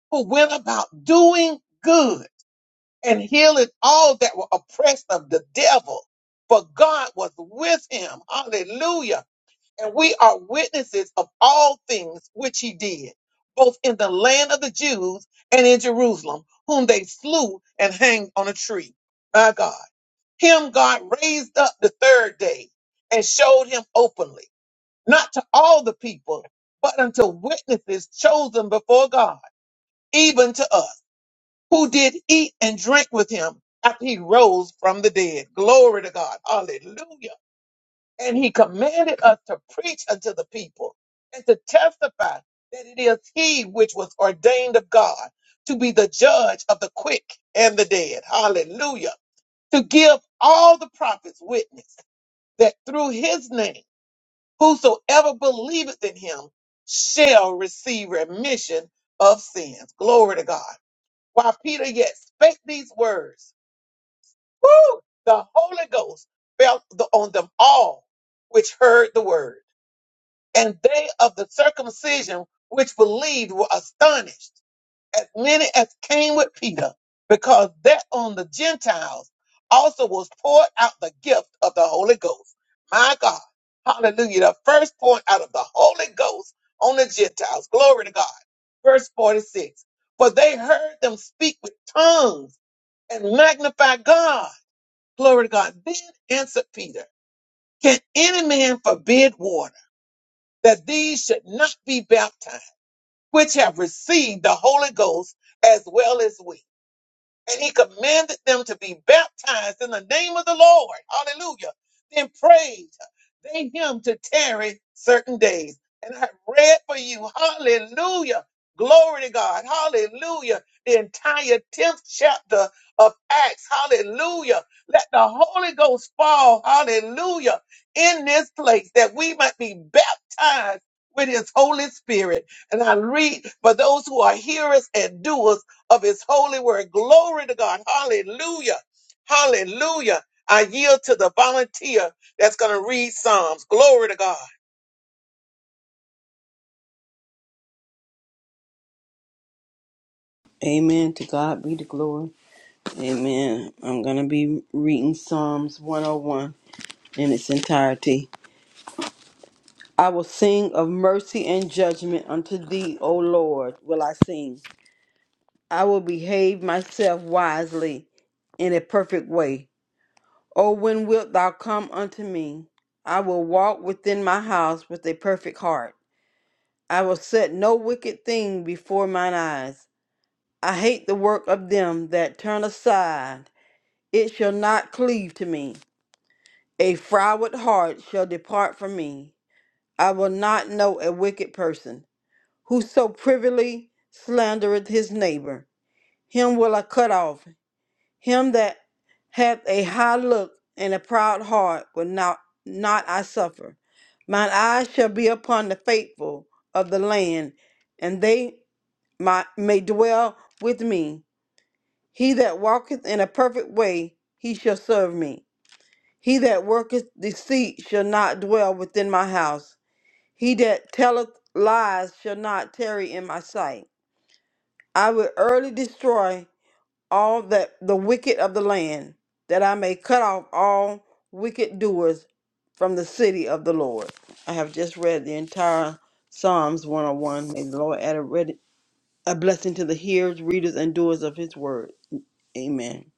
who went about doing good and healing all that were oppressed of the devil. For God was with him. Hallelujah. And we are witnesses of all things which he did, both in the land of the Jews and in Jerusalem, whom they slew and hanged on a tree. My God. Him God raised up the third day and showed him openly, not to all the people, but unto witnesses chosen before God, even to us who did eat and drink with him after he rose from the dead. Glory to God. Hallelujah. And he commanded us to preach unto the people and to testify that it is he which was ordained of God to be the judge of the quick and the dead. Hallelujah. To give all the prophets witness that through his name, whosoever believeth in him shall receive remission of sins. Glory to God. While Peter yet spake these words, Woo! The Holy Ghost fell th- on them all which heard the word. And they of the circumcision which believed were astonished, as many as came with Peter, because that on the Gentiles also was poured out the gift of the Holy Ghost. My God. Hallelujah. The first point out of the Holy Ghost on the Gentiles. Glory to God. Verse 46. For they heard them speak with tongues and magnify God. Glory to God. Then answered Peter, Can any man forbid water that these should not be baptized, which have received the Holy Ghost as well as we? and he commanded them to be baptized in the name of the Lord. Hallelujah. Then prayed they him to tarry certain days. And I read for you, hallelujah. Glory to God, hallelujah. The entire 10th chapter of Acts, hallelujah. Let the Holy Ghost fall, hallelujah, in this place that we might be baptized with his Holy Spirit. And I read for those who are hearers and doers of his holy word. Glory to God. Hallelujah. Hallelujah. I yield to the volunteer that's going to read Psalms. Glory to God.
Amen. To God be the glory. Amen. I'm going to be reading Psalms 101 in its entirety. I will sing of mercy and judgment unto thee, O Lord, will I sing. I will behave myself wisely in a perfect way. O when wilt thou come unto me? I will walk within my house with a perfect heart. I will set no wicked thing before mine eyes. I hate the work of them that turn aside It shall not cleave to me. A froward heart shall depart from me. I will not know a wicked person. Whoso privily slandereth his neighbor, him will I cut off. Him that hath a high look and a proud heart will not, not I suffer. Mine eyes shall be upon the faithful of the land, and they my, may dwell with me. He that walketh in a perfect way, he shall serve me. He that worketh deceit shall not dwell within my house. He that telleth lies shall not tarry in my sight. I will early destroy all that the wicked of the land, that I may cut off all wicked doers from the city of the Lord. I have just read the entire Psalms 101. May the Lord add a, read, a blessing to the hearers, readers, and doers of his word. Amen.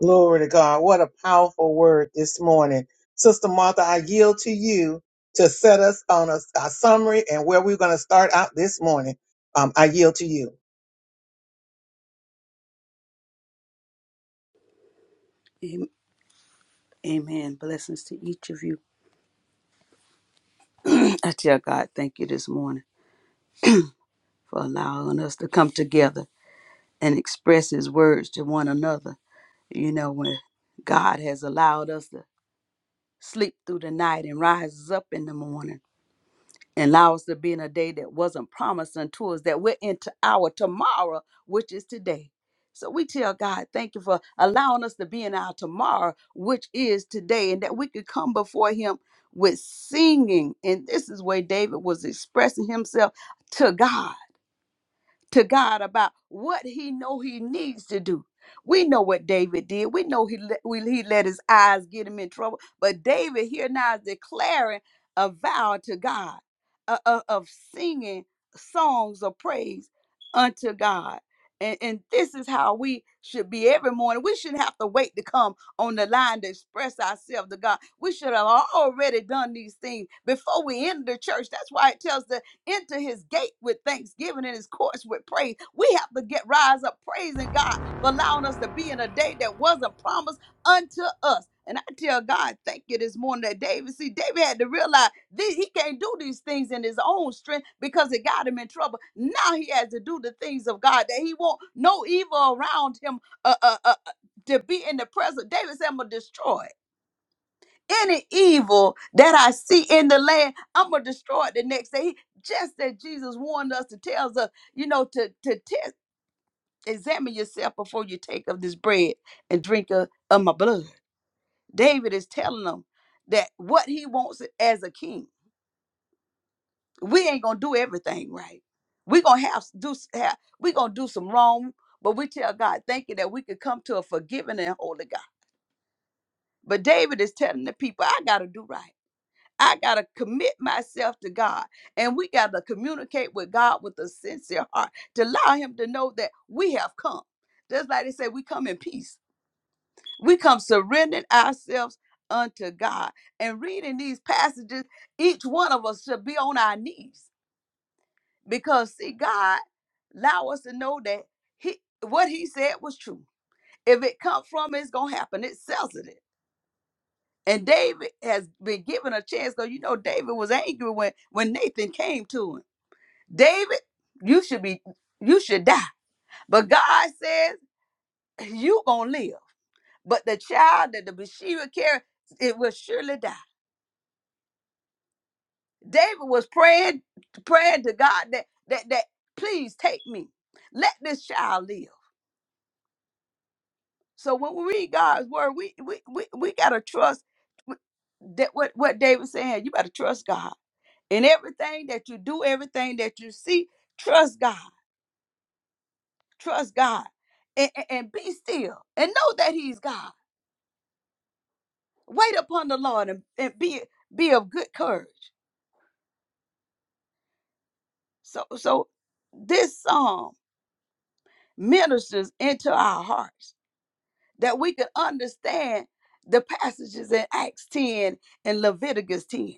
Glory to God. What a powerful word this morning. Sister Martha, I yield to you to set us on a, a summary and where we're going to start out this morning. Um, I yield to you.
Am- Amen. Blessings to each of you. [CLEARS THROAT] I tell God, thank you this morning for allowing us to come together and express His words to one another. You know, when God has allowed us to sleep through the night and rises up in the morning. and allow us to be in a day that wasn't promised unto us, that we're into our tomorrow, which is today. So we tell God, thank you for allowing us to be in our tomorrow, which is today, and that we could come before Him with singing. And this is where David was expressing himself to God to God about what he know he needs to do. We know what David did. We know he let, we, he let his eyes get him in trouble. But David here now is declaring a vow to God uh, uh, of singing songs of praise unto God. And, and this is how we should be every morning. We shouldn't have to wait to come on the line to express ourselves to God. We should have already done these things before we enter the church. That's why it tells us Enter his gate with thanksgiving and his courts with praise. We have to get rise up praising God for allowing us to be in a day that wasn't promised unto us. And I tell God, thank you this morning that David, see, David had to realize that he can't do these things in his own strength because it got him in trouble. Now he has to do the things of God that he won't, no evil around him uh, uh, uh, uh, to be in the presence. David said, I'm going to destroy any evil that I see in the land, I'm gonna destroy it the next day. He- Just that Jesus warned us to tells us, you know, to to test, examine yourself before you take of this bread and drink of, of my blood. David is telling them that what he wants as a king, we ain't gonna do everything right. we gonna have s- do s- have, we gonna do some wrong, but we tell God, thank you that we could come to a forgiving and holy God. But David is telling the people, I gotta do right. I got to commit myself to God. And we got to communicate with God with a sincere heart to allow Him to know that we have come. Just like they say, we come in peace. We come surrendering ourselves unto God. And reading these passages, each one of us should be on our knees because, see, God allow us to know that he, what He said was true. If it come from, it's going to happen. It sells it. And David has been given a chance though you know David was angry when when Nathan came to him. David, you should be you should die. But God says you gonna live. But the child that the Bathsheba carried, it will surely die. David was praying, praying to God that that that please take me. Let this child live. So when we read God's word, we we we, we gotta trust that what, what David said, you better trust God in everything that you do, everything that you see, trust God. Trust God. And, and, and be still and know that He's God. Wait upon the Lord and, and be be of good courage. So so this psalm ministers into our hearts that we can understand the passages in Acts 10 and Leviticus 10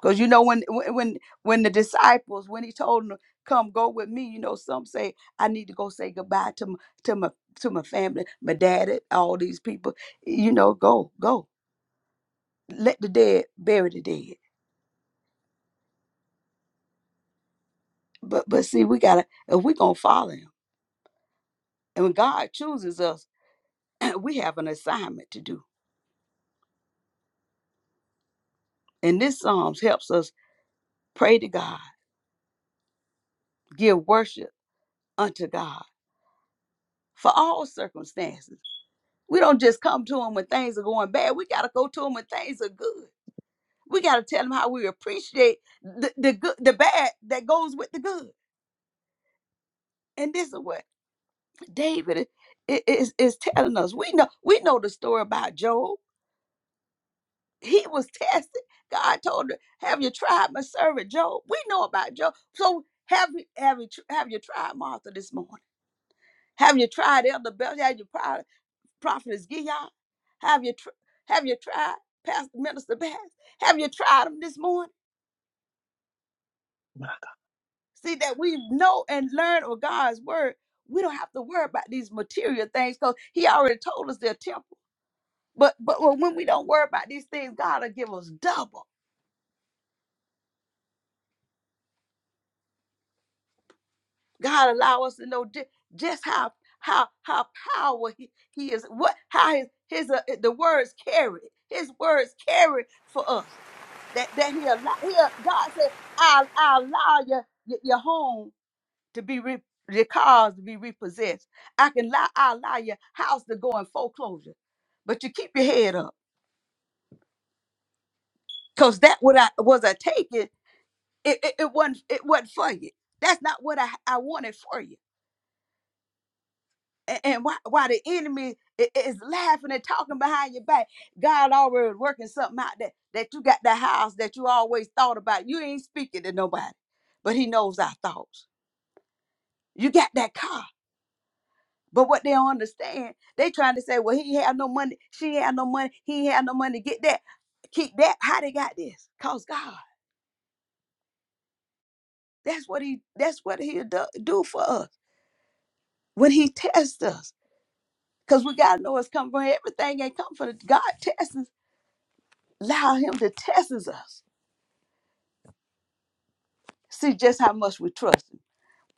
Because you know when when when when the disciples when he told them come go with me, you know some say I need to go say goodbye to my, to my to my family, my daddy all these people. You know, go go let the dead bury the dead. But but see, we gotta if we gonna follow him, and when God chooses us, [CLEARS THROAT] we have an assignment to do. And this Psalms helps us pray to God, give worship unto God for all circumstances. We don't just come to him when things are going bad. We gotta go to him when things are good. We got to tell them how we appreciate the, the good, the bad that goes with the good. And this is what David i- is, is telling us. We know we know the story about Job. He was tested. God told him, "Have you tried my servant Job?" We know about Job. So have you have you tr- have you tried Martha this morning? Have you tried Elder Bell? Have you tried Prophetess Gideon? Have you tr- have you tried Pastor Minister Bass? Have you tried him this morning? See, that we know and learn of God's word, we don't have to worry about these material things because He already told us they're temporal. But but when when we don't worry about these things, God will give us double. God allow us to know ju- just how how how power He, he is, what how His His uh, the words carry His words carry for us. That that He allow. He, uh, God said, "I I allow you your, your home." to be re- recalled, to be repossessed. I can lie, I allow your house to go in foreclosure, but you keep your head up, cause that what I was I taking, it, it it wasn't it wasn't for you. That's not what I I wanted for you. And, and why why the enemy i- is laughing and talking behind your back? God already working something out that that you got the house that you always thought about. You ain't speaking to nobody, but He knows our thoughts. You got that car. But what they don't understand, they trying to say, well, he had no money, she had no money, he had no money. Get that, keep that. How they got this? Cause God. That's what he. That's what he'll do, do for us when he tests us. Cause we gotta know it's coming from everything. Ain't come from God tests us. Allow him to test us. See just how much we trust him.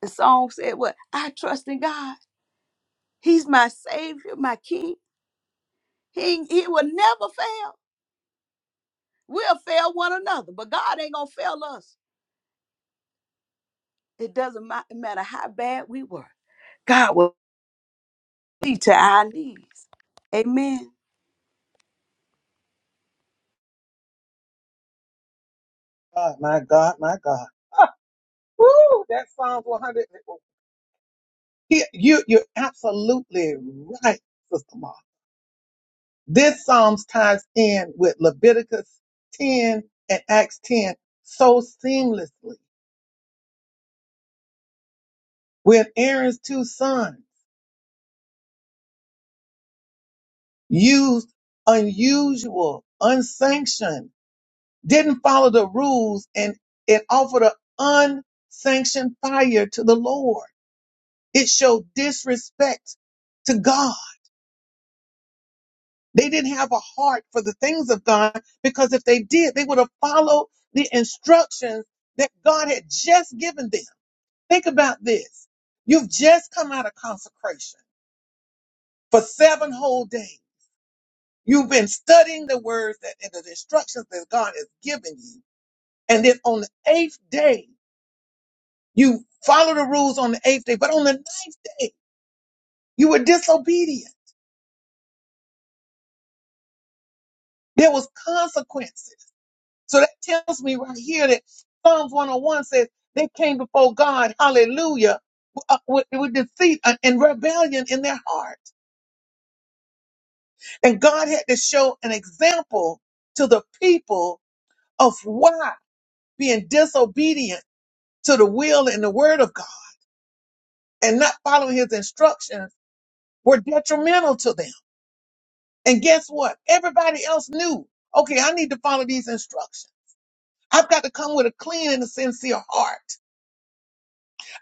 The song said, "What I trust in God. He's my Savior, my King. He he will never fail. We'll fail one another, but God ain't gonna fail us." It doesn't ma- matter how bad we were. God will see to our needs. Amen.
God, my God, my God. Ah, woo, that Psalms 100. You, you're absolutely right, Sister Martha. This Psalms ties in with Leviticus 10 and Acts 10 so seamlessly when Aaron's two sons used unusual, unsanctioned, didn't follow the rules and it offered an unsanctioned fire to the Lord. It showed disrespect to God. They didn't have a heart for the things of God because if they did, they would have followed the instructions that God had just given them. Think about this. You've just come out of consecration for seven whole days. You've been studying the words that and the instructions that God has given you. And then on the eighth day, you follow the rules on the eighth day, but on the ninth day, you were disobedient. There was consequences. So that tells me right here that Psalms 101 says they came before God, hallelujah, uh, with, with deceit and rebellion in their heart. And God had to show an example to the people of why being disobedient to the will and the word of God and not following his instructions were detrimental to them. And guess what? Everybody else knew, okay, I need to follow these instructions. I've got to come with a clean and a sincere heart.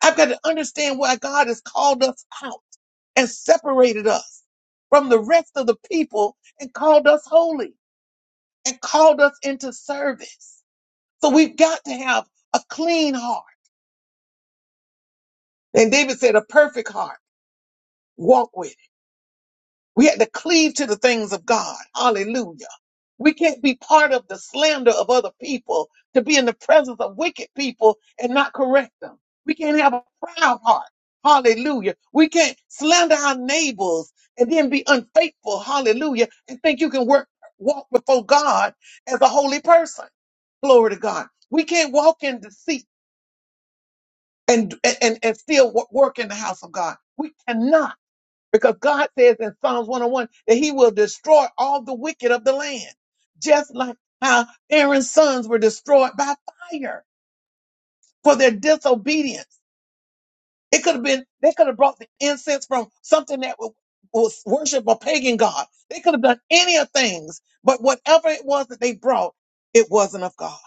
I've got to understand why God has called us out and separated us from the rest of the people and called us holy and called us into service. So we've got to have a clean heart. And David said, a perfect heart. Walk with it. We had to cleave to the things of God. Hallelujah. We can't be part of the slander of other people to be in the presence of wicked people and not correct them. We can't have a proud heart. Hallelujah. We can't slander our neighbors and then be unfaithful. Hallelujah. And think you can work, walk before God as a holy person. Glory to God. We can't walk in deceit. and and and still wo- work in the house of God. We cannot because God says in Psalms 101 that He will destroy all the wicked of the land, just like how Aaron's sons were destroyed by fire for their disobedience. It could have been they could have brought the incense from something that wa- was worship a pagan god. They could have done any of things, but whatever it was that they brought, it wasn't of God.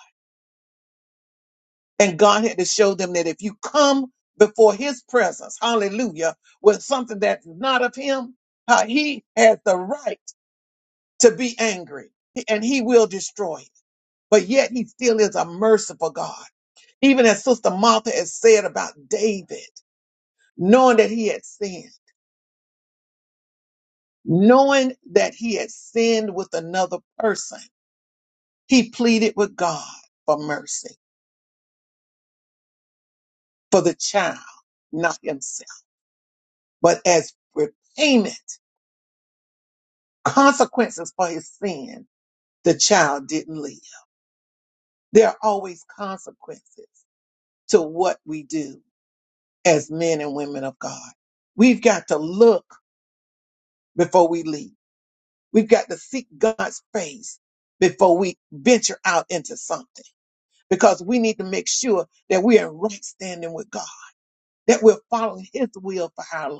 And God had to show them that if you come before his presence, hallelujah, with something that's not of him, how he has the right to be angry and he will destroy it. But yet he still is a merciful God. Even as Sister Martha has said about David, knowing that he had sinned, knowing that he had sinned with another person, he pleaded with God for mercy for the child, not himself, but as repayment consequences for his sin, the child didn't live. There are always consequences to what we do as men and women of God. We've got to look before we leave. We've got to seek God's face before we venture out into something because we need to make sure that we are in right standing with God, that we're following his will for our life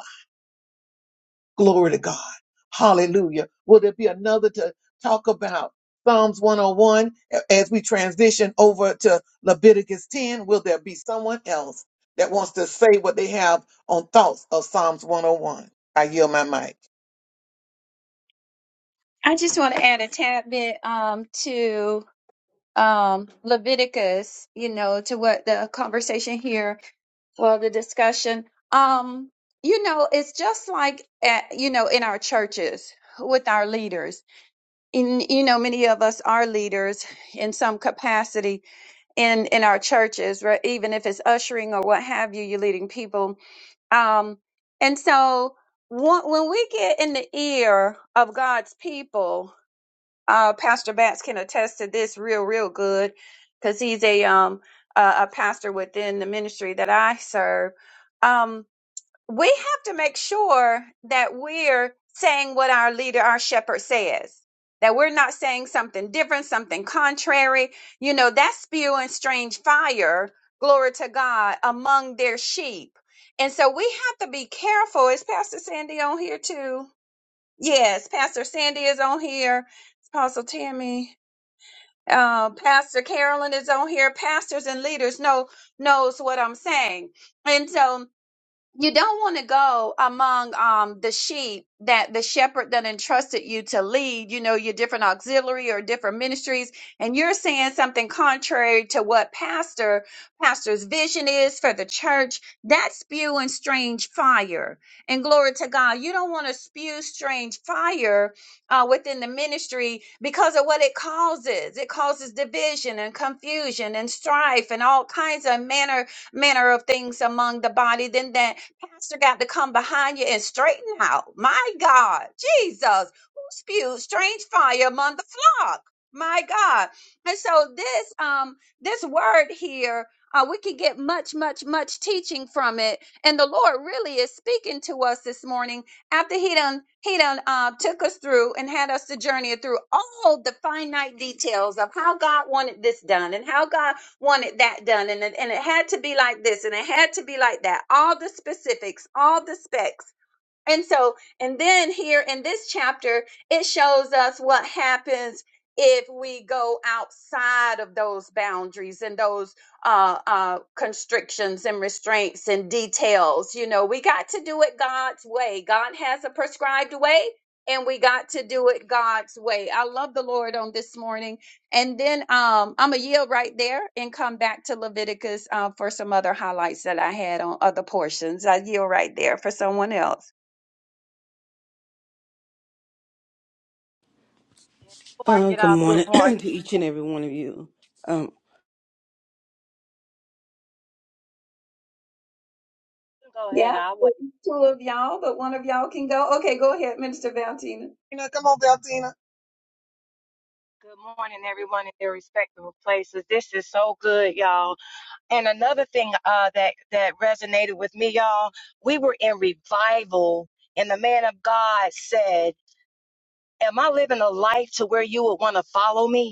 Glory to God. Hallelujah. Will there be another to talk about? Psalms 101 A- as we transition over to Leviticus 10. Will there be someone else that wants to say what they have on thoughts of Psalms 101? I yield my mic.
I just want to add a tad bit um, to um, Leviticus, you know, to what the conversation here, well, the discussion. Um, you know, it's just like, at, you know, in our churches with our leaders in you know many of us are leaders in some capacity in in our churches right even if it's ushering or what have you you're leading people um and so wh- when we get in the ear of god's people uh pastor Batts can attest to this real real good because he's a um a, a pastor within the ministry that i serve Um, we have to make sure that we're saying what our leader, our shepherd says, that we're not saying something different, something contrary. You know, that's spewing strange fire, glory to God, among their sheep. And so we have to be careful. Is Pastor Sandy on here too? Yes, Pastor Sandy is on here. Apostle Tammy, uh, Pastor Carolyn is on here. Pastors and leaders know knows what I'm saying. And so you don't want to go among um the sheep that the shepherd that entrusted you to lead you know your different auxiliary or different ministries and you're saying something contrary to what pastor pastor's vision is for the church that's spewing strange fire and glory to god you don't want to spew strange fire uh, within the ministry because of what it causes it causes division and confusion and strife and all kinds of manner manner of things among the body then that Pastor got to come behind you and straighten out. My God, Jesus, who spewed strange fire among the flock? My God. And so this um this word here, uh, we can get much, much, much teaching from it. And the Lord really is speaking to us this morning after He done He done uh, took us through and had us to journey through all the finite details of how God wanted this done and how God wanted that done and it, and it had to be like this and it had to be like that all the specifics all the specs and so, and then here in this chapter, it shows us what happens if we go outside of those boundaries and those uh, uh, constrictions and restraints and details. You know, we got to do it God's way. God has a prescribed way, and we got to do it God's way. I love the Lord on this morning. And then um, I'm going to yield right there and come back to Leviticus uh, for some other highlights that I had on other portions. I yield right there for someone else.
Uh, good morning [CLEARS THROAT] to each and every one of you. Um,
Yeah, two of y'all, but one of y'all can go. Okay, go ahead, Minister Valentina.
Tina, come on, Valtina.
Good morning, everyone in their respective places. This is so good, y'all. And another thing uh, that that resonated with me, y'all, we were in revival, and the man of God said, "Am I living a life to where you would want to follow me?"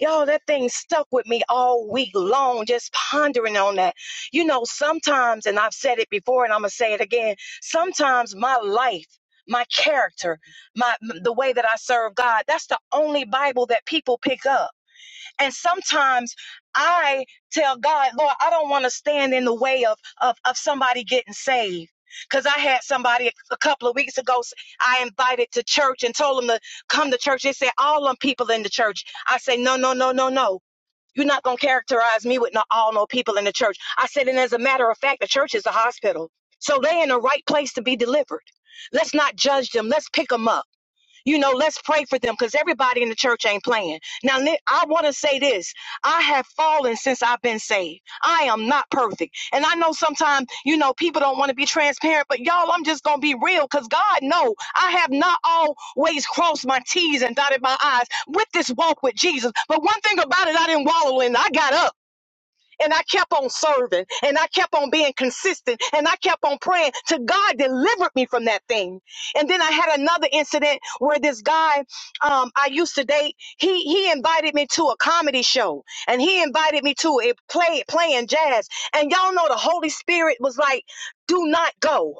Y'all, that thing stuck with me all week long, just pondering on that. You know, sometimes, and I've said it before and I'm going to say it again, sometimes my life, my character, my the way that I serve God, that's the only Bible that people pick up. And sometimes I tell God, Lord, I don't want to stand in the way of, of, of somebody getting saved. Because I had somebody a couple of weeks ago, I invited to church and told them to come to church. They said, all them people in the church. I say, no, no, no, no, no. You're not going to characterize me with no, all no people in the church. I said, and as a matter of fact, the church is a hospital. So they in the right place to be delivered. Let's not judge them. Let's pick them up. You know, let's pray for them because everybody in the church ain't playing. Now, Nick, I want to say this. I have fallen since I've been saved. I am not perfect. And I know sometimes, you know, people don't want to be transparent, but y'all, I'm just going to be real because God know I have not always crossed my T's and dotted my I's with this walk with Jesus. But one thing about it, I didn't wallow in. it. I got up and I kept on serving and I kept on being consistent and I kept on praying to God delivered me from that thing. And then I had another incident where this guy um, I used to date, he he invited me to a comedy show and he invited me to a play playing jazz. And y'all know the Holy Spirit was like, do not go.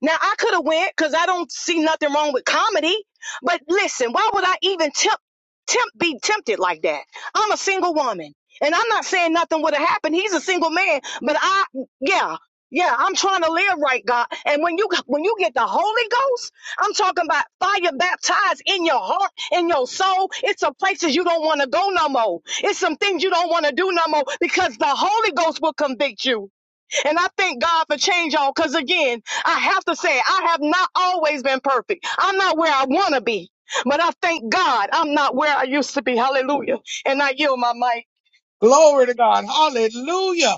Now I could have went because I don't see nothing wrong with comedy. But listen, why would I even tempt, tempt be tempted like that? I'm a single woman, and I'm not saying nothing would have happened. He's a single man, but I, yeah. Yeah, I'm trying to live right, God. And when you when you get the Holy Ghost, I'm talking about fire baptized in your heart, in your soul. It's some places you don't want to go no more. It's some things you don't want to do no more because the Holy Ghost will convict you. And I thank God for change on because again, I have to say, I have not always been perfect. I'm not where I want to be, but I thank God I'm not where I used to be. Hallelujah. And I yield my mic.
Glory to God. Hallelujah.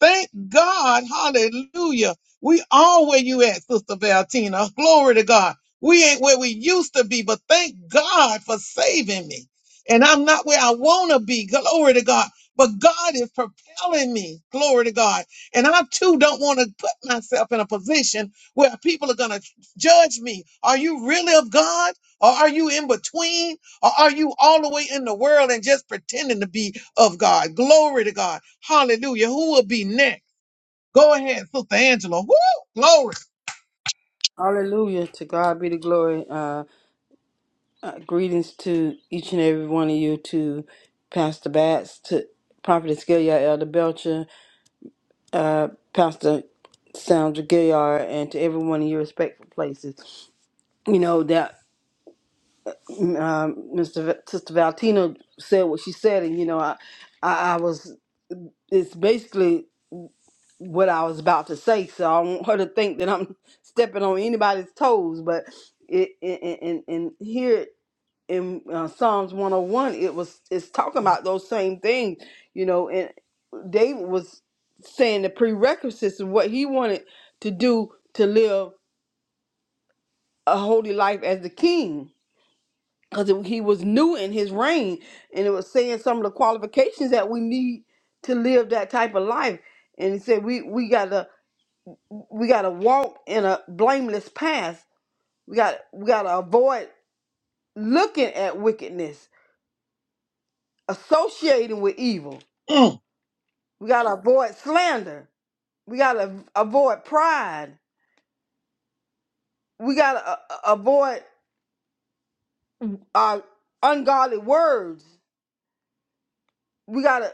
Thank God. Hallelujah. We are where you at, Sister Valentina. [LAUGHS] Glory to God. We ain't where we used to be, but thank God for saving me. And I'm not where I want to be. Glory to God. But God is propelling me. Glory to God. And I too don't want to put myself in a position where people are going to judge me. Are you really of God? Or are you in between? Or are you all the way in the world and just pretending to be of God. Glory to God. Hallelujah. Who will be next? Go ahead, Sister Angela. Woo! Glory.
Hallelujah. To God be the glory. Uh, uh, greetings to each and every one of you, to Pastor Bats, to Prophetess Gilliard, Elder Belcher, uh, Pastor Sandra Gilliard, and to every one of your respectful places. You know, that um, Mr. Va- Sister Valtina said what she said, and, you know, I, I, I was, it's basically what I was about to say, so I don't want her to think that I'm [LAUGHS] stepping on anybody's toes, but it, and, and, and here in uh, Psalms 101, it was it's talking about those same things, you know, and David was saying the prerequisites of what he wanted to do to live a holy life as the king because he was new in his reign and it was saying some of the qualifications that we need to live that type of life and he said we we gotta we gotta walk in a blameless path we got we gotta avoid looking at wickedness associating with evil
Mm.
We got to avoid slander. We got to avoid pride. We got to uh, uh, avoid uh, ungodly words. We got to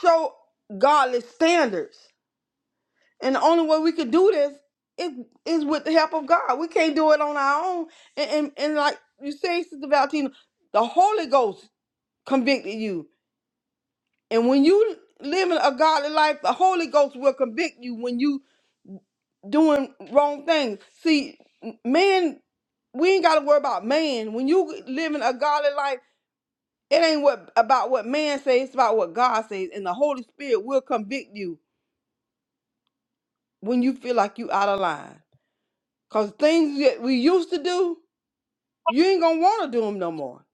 show godly standards. And the only way we can do this is, is with the help of God. We can't do it on our own. And, and, and like you say, Sister Valentina, the Holy Ghost convicted you. And when you live in a godly life, the Holy Ghost will convict you when you doing wrong things. See, m- man, we ain't gotta worry about man. When you living a godly life, it ain't what about what man says, it's about what God says. And the Holy Spirit will convict you when you feel like you out of line. Cause things that we used to do, you ain't gonna wanna do them no more.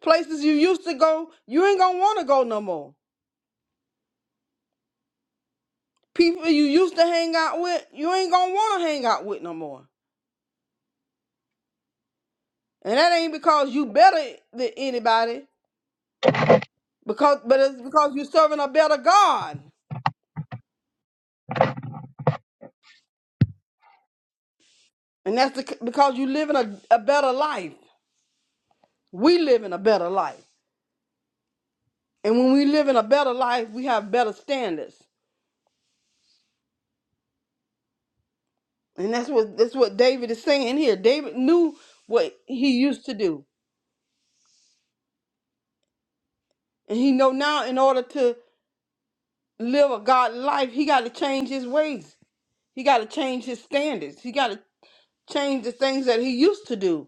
Places you used to go, you ain't gonna wanna go no more. People you used to hang out with, you ain't gonna wanna hang out with no more. And that ain't because you better than anybody. Because, but it's because you're serving a better God, and that's the, because you're living a, a better life. We live in a better life, and when we live in a better life, we have better standards, and that's what that's what David is saying here. David knew what he used to do, and he know now in order to live a God life, he got to change his ways. He got to change his standards. He got to change the things that he used to do,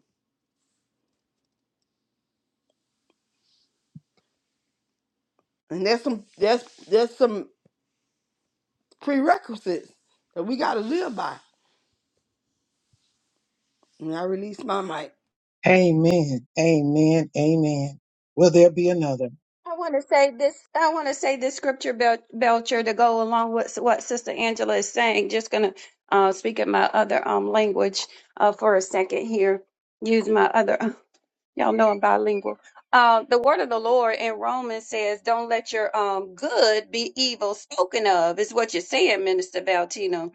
and that's some that's that's some prerequisites that we got to live by. And I release my mic.
Amen. Amen. Amen. Will there be another?
I want to say this. I want to say this scripture, Bel- Belcher, to go along with what Sister Angela is saying. Just gonna uh, speak in my other um language uh, for a second here. Use my other. uh, Y'all know I'm bilingual. Uh, the word of the Lord in Romans says, "Don't let your um good be evil spoken of." Is what you're saying, Minister Valtino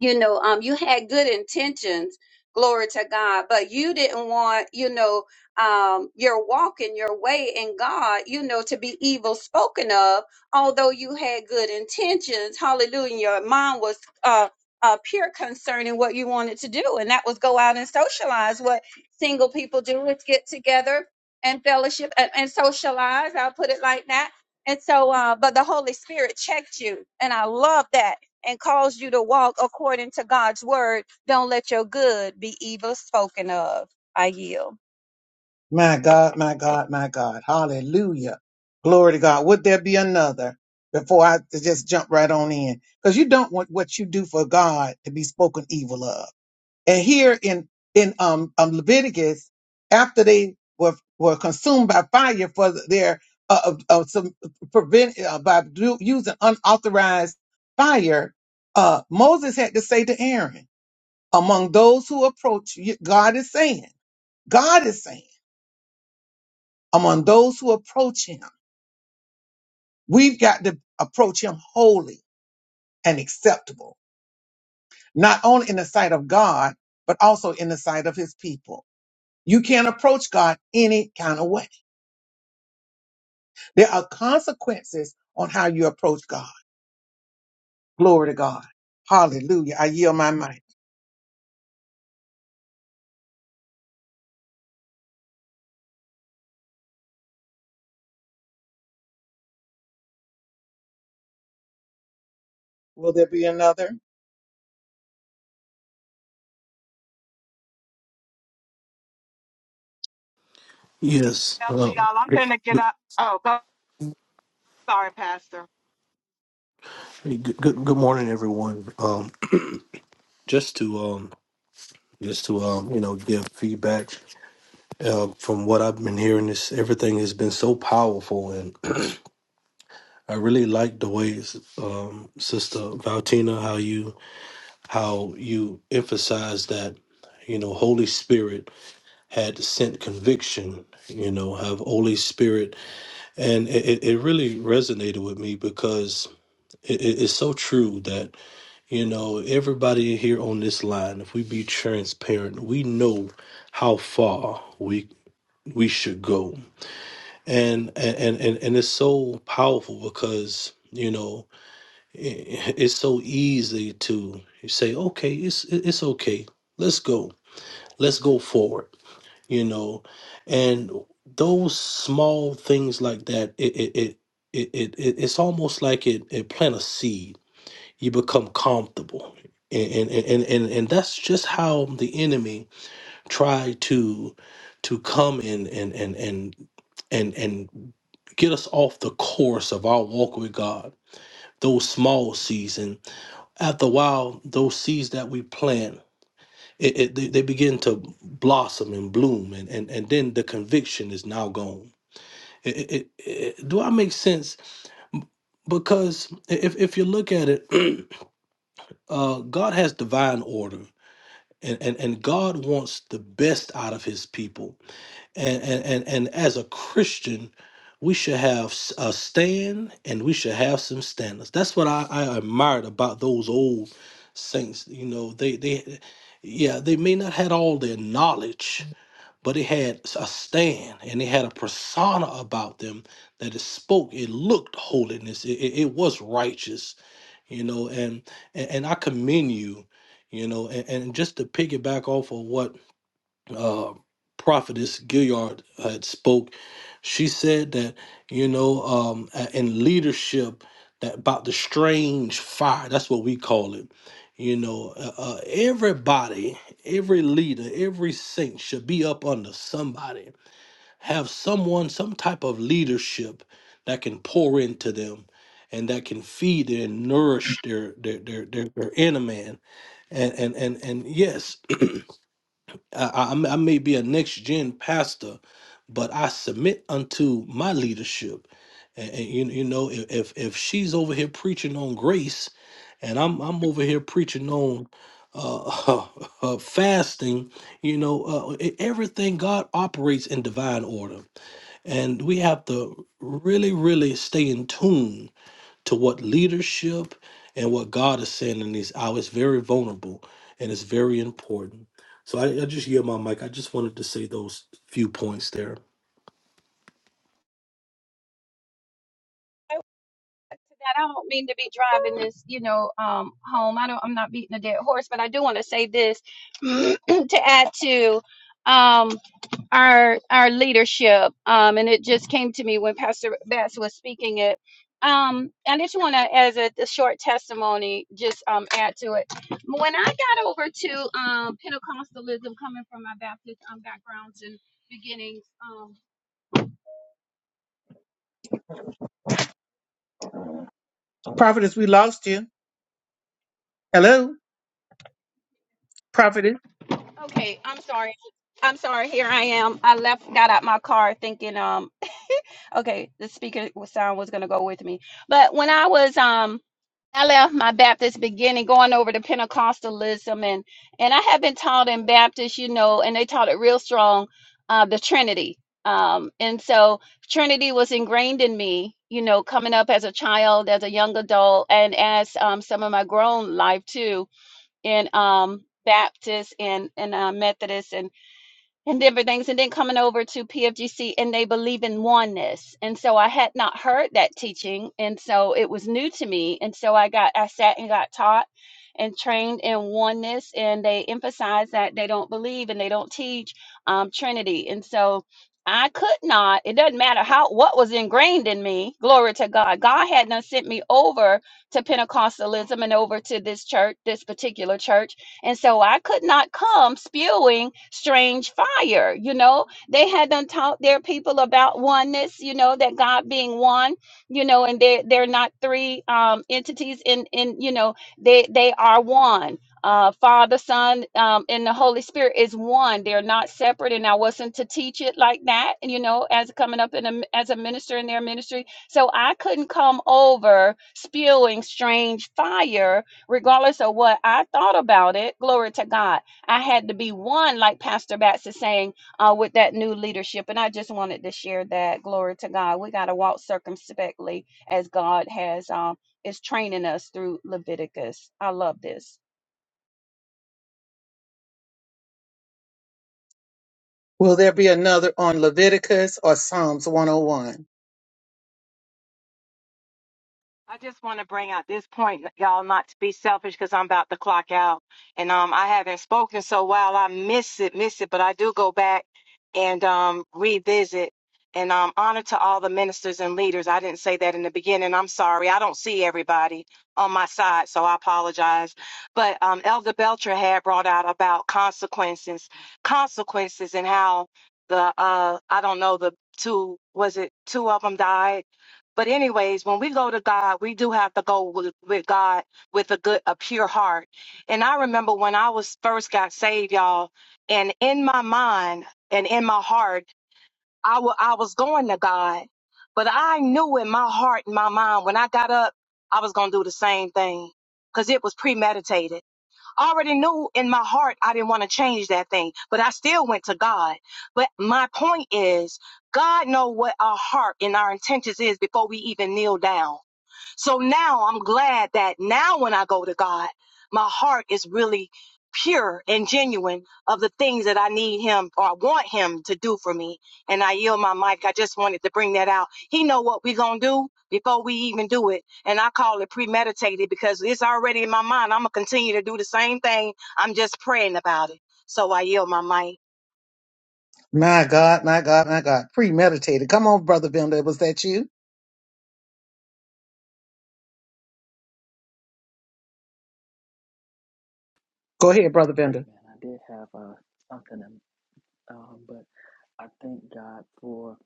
you know um you had good intentions glory to god but you didn't want you know um your walk and your way in god you know to be evil spoken of although you had good intentions hallelujah your mind was uh uh, pure concerning what you wanted to do, and that was go out and socialize. What single people do is get together and fellowship and, and socialize. I'll put it like that. And so, uh, but the Holy Spirit checked you, and I love that and cause you to walk according to God's word, don't let your good be evil spoken of. I yield.
My God, my God, my God. Hallelujah. Glory to God. Would there be another before I just jump right on in? Because you don't want what you do for God to be spoken evil of. And here in in um, um Leviticus, after they were were consumed by fire for their uh, uh, uh, some prevent uh, by do, using unauthorized fire, uh, Moses had to say to Aaron, among those who approach you, God is saying, God is saying, among those who approach Him, we've got to approach Him holy and acceptable, not only in the sight of God but also in the sight of His people. You can't approach God any kind of way There are consequences on how you approach God. Glory to God. Hallelujah. I yield my mic. Will there be another?
Yes.
Actually,
Um,
y'all, I'm gonna get up. Oh, go- sorry, Pastor.
hey, good, good. Good morning, everyone. Um, just to um, just to um, you know, give feedback. Uh, from what I've been hearing, this everything has been so powerful, and I really like the ways, um, Sister Valtina, how you how you emphasize that. You know, Holy Spirit had sent conviction. You know, have Holy Spirit, and it, it it really resonated with me because it, it- it's so true that You know, everybody here on this line, if we be transparent, we know how far we we should go. And and and, and it's so powerful because, you know, i- it's so easy to say, "Okay, it's it's okay. Let's go. Let's go forward." You know, and those small things like that, it it it it, it, it it's almost like it it plant a seed you become comfortable and and and and, and that's just how the enemy tried to to come in and and and and and get us off the course of our walk with god those small seeds and after a while those seeds that we plant it, it, they, they begin to blossom and bloom and, and and then the conviction is now gone It- it- it- it- do i make sense because if, if you look at it [CLEARS THROAT] uh, god has divine order and, and and God wants the best out of His people, and and and, and as a Christian, we should have s- a stand, and we should have some standards. That's what I, I admired about those old saints. You know, they they, yeah, they may not had all their knowledge, but they had s- a stand, and they had a persona about them that it spoke. It looked holiness. It, it, it was righteous you know and and, and i commend you you know and, and just to piggyback off of what uh prophetess gilliard had spoke she said that you know um uh, in leadership that about the strange fire that's what we call it you know uh, uh, everybody every leader every saint should be up under somebody have someone, some type of leadership that can pour into them and that can feed and nourish their their their, their, their inner man. And and and and yes, I, I i may be a next gen pastor, but I submit unto my leadership. And, and you, you know, if if if she's over here preaching on grace, and I'm I'm over here preaching on uh, [LAUGHS] uh fasting, you know, uh, e- everything God operates in divine order and we have to really, really stay in tune to what leadership and what God is saying in these hours. Very vulnerable and it's very important. So I, I just yield my mic. I just wanted to say those few points there.
That I don't mean to be driving this, you know, um, home. I don't. I'm not beating a dead horse, but I do want to say this [CLEARS THROAT] to add to, um, our our leadership um and it just came to me when pastor bass was speaking it um and i just want to as a, a short testimony just um add to it when i got over to um pentecostalism coming from my baptist um, backgrounds and beginnings um
Prophetess, we lost you. Hello, prophetess.
okay i'm sorry i'm sorry here i am i left got out my car thinking um okay the speaker sound was going to go with me but when i was um I left my Baptist beginning going over to Pentecostalism and and I have been taught in Baptist, you know, and they taught it real strong, uh, the Trinity. Um, and so Trinity was ingrained in me, you know, coming up as a child, as a young adult, and as um, some of my grown life too in um, Baptist and and uh, Methodist and different things and then coming over to pfgc and they believe in oneness and so i had not heard that teaching and so it was new to me and so i got i sat and got taught and trained in oneness and they emphasize that they don't believe and they don't teach um, trinity and so i could not it doesn't matter how what was ingrained in me glory to god god had not sent me over to pentecostalism and over to this church this particular church and so I could not come spewing strange fire. You know, they had done taught their people about oneness, you know, that God being one, you know, and they're they're not three um entities in in, you know, they they are one. Uh, Father, Son, um, and the Holy Spirit is one. They're not separate, and I wasn't to teach it like that. You know, as coming up in a, as a minister in their ministry, so I couldn't come over spewing strange fire regardless of what I thought about it, glory to God. I had to be one, like Pastor Batts is saying, uh, with that new leadership. And I just wanted to share that. Glory to God. We got to walk circumspectly as God has um is training us through Leviticus. I love this.
Will there be another on Leviticus or Psalms 101?
I didn't not speak because I'm about to clock out, and I'm sit. But I do go back and um, is it? And um, I don't see everybody on my side, so I apologize. But um, Elder Belcher had brought. consequences consequences and how the uh i don't know the two was it two of them died but anyways when we go to god we do have to go with, with god with a good a pure heart and i remember when i was first got saved y'all and in my mind and in my heart i wa- I was going to god but i knew in my heart and my mind when i got up i was going to do the same thing because it was premeditated I already knew in my heart I didn't want to change that thing, but I still went to God. But my point is, God knows what our heart and our intentions is before we even kneel down. So now I'm glad that now when I go to God, my heart is really pure and genuine of the things that I need him or I want him to do for me. And I yield my mic. I just wanted to bring that out. He know what we going to do before we even do it. And I call it premeditated because it's already in my mind. I'm going to continue to do the same thing. I'm just praying about it. So I yield my mic.
My God, my God, my God. Premeditated. Come on, Brother Bender. Was that you? Go ahead, Brother Bender.
Amen. I did have uh, something, um, but I thank God for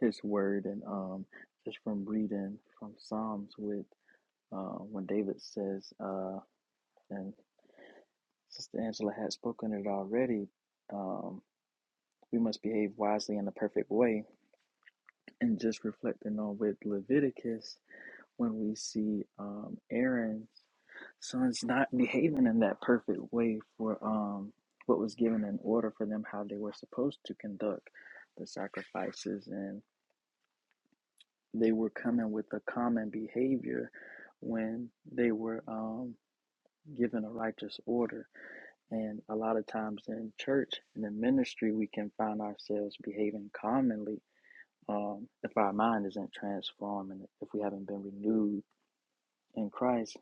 His Word and um, just from reading from Psalms with uh, when David says, uh, and Sister Angela had spoken it already. Um, we must behave wisely in the perfect way, and just reflecting on with Leviticus when we see um, Aaron's sons not behaving in that perfect way for um, what was given in order for them, how they were supposed to conduct the sacrifices, and they were coming with a common behavior when they were um, given a righteous order. And a lot of times in church and in ministry, we can find ourselves behaving commonly. Um, if our mind isn't transformed and if we haven't been renewed in Christ,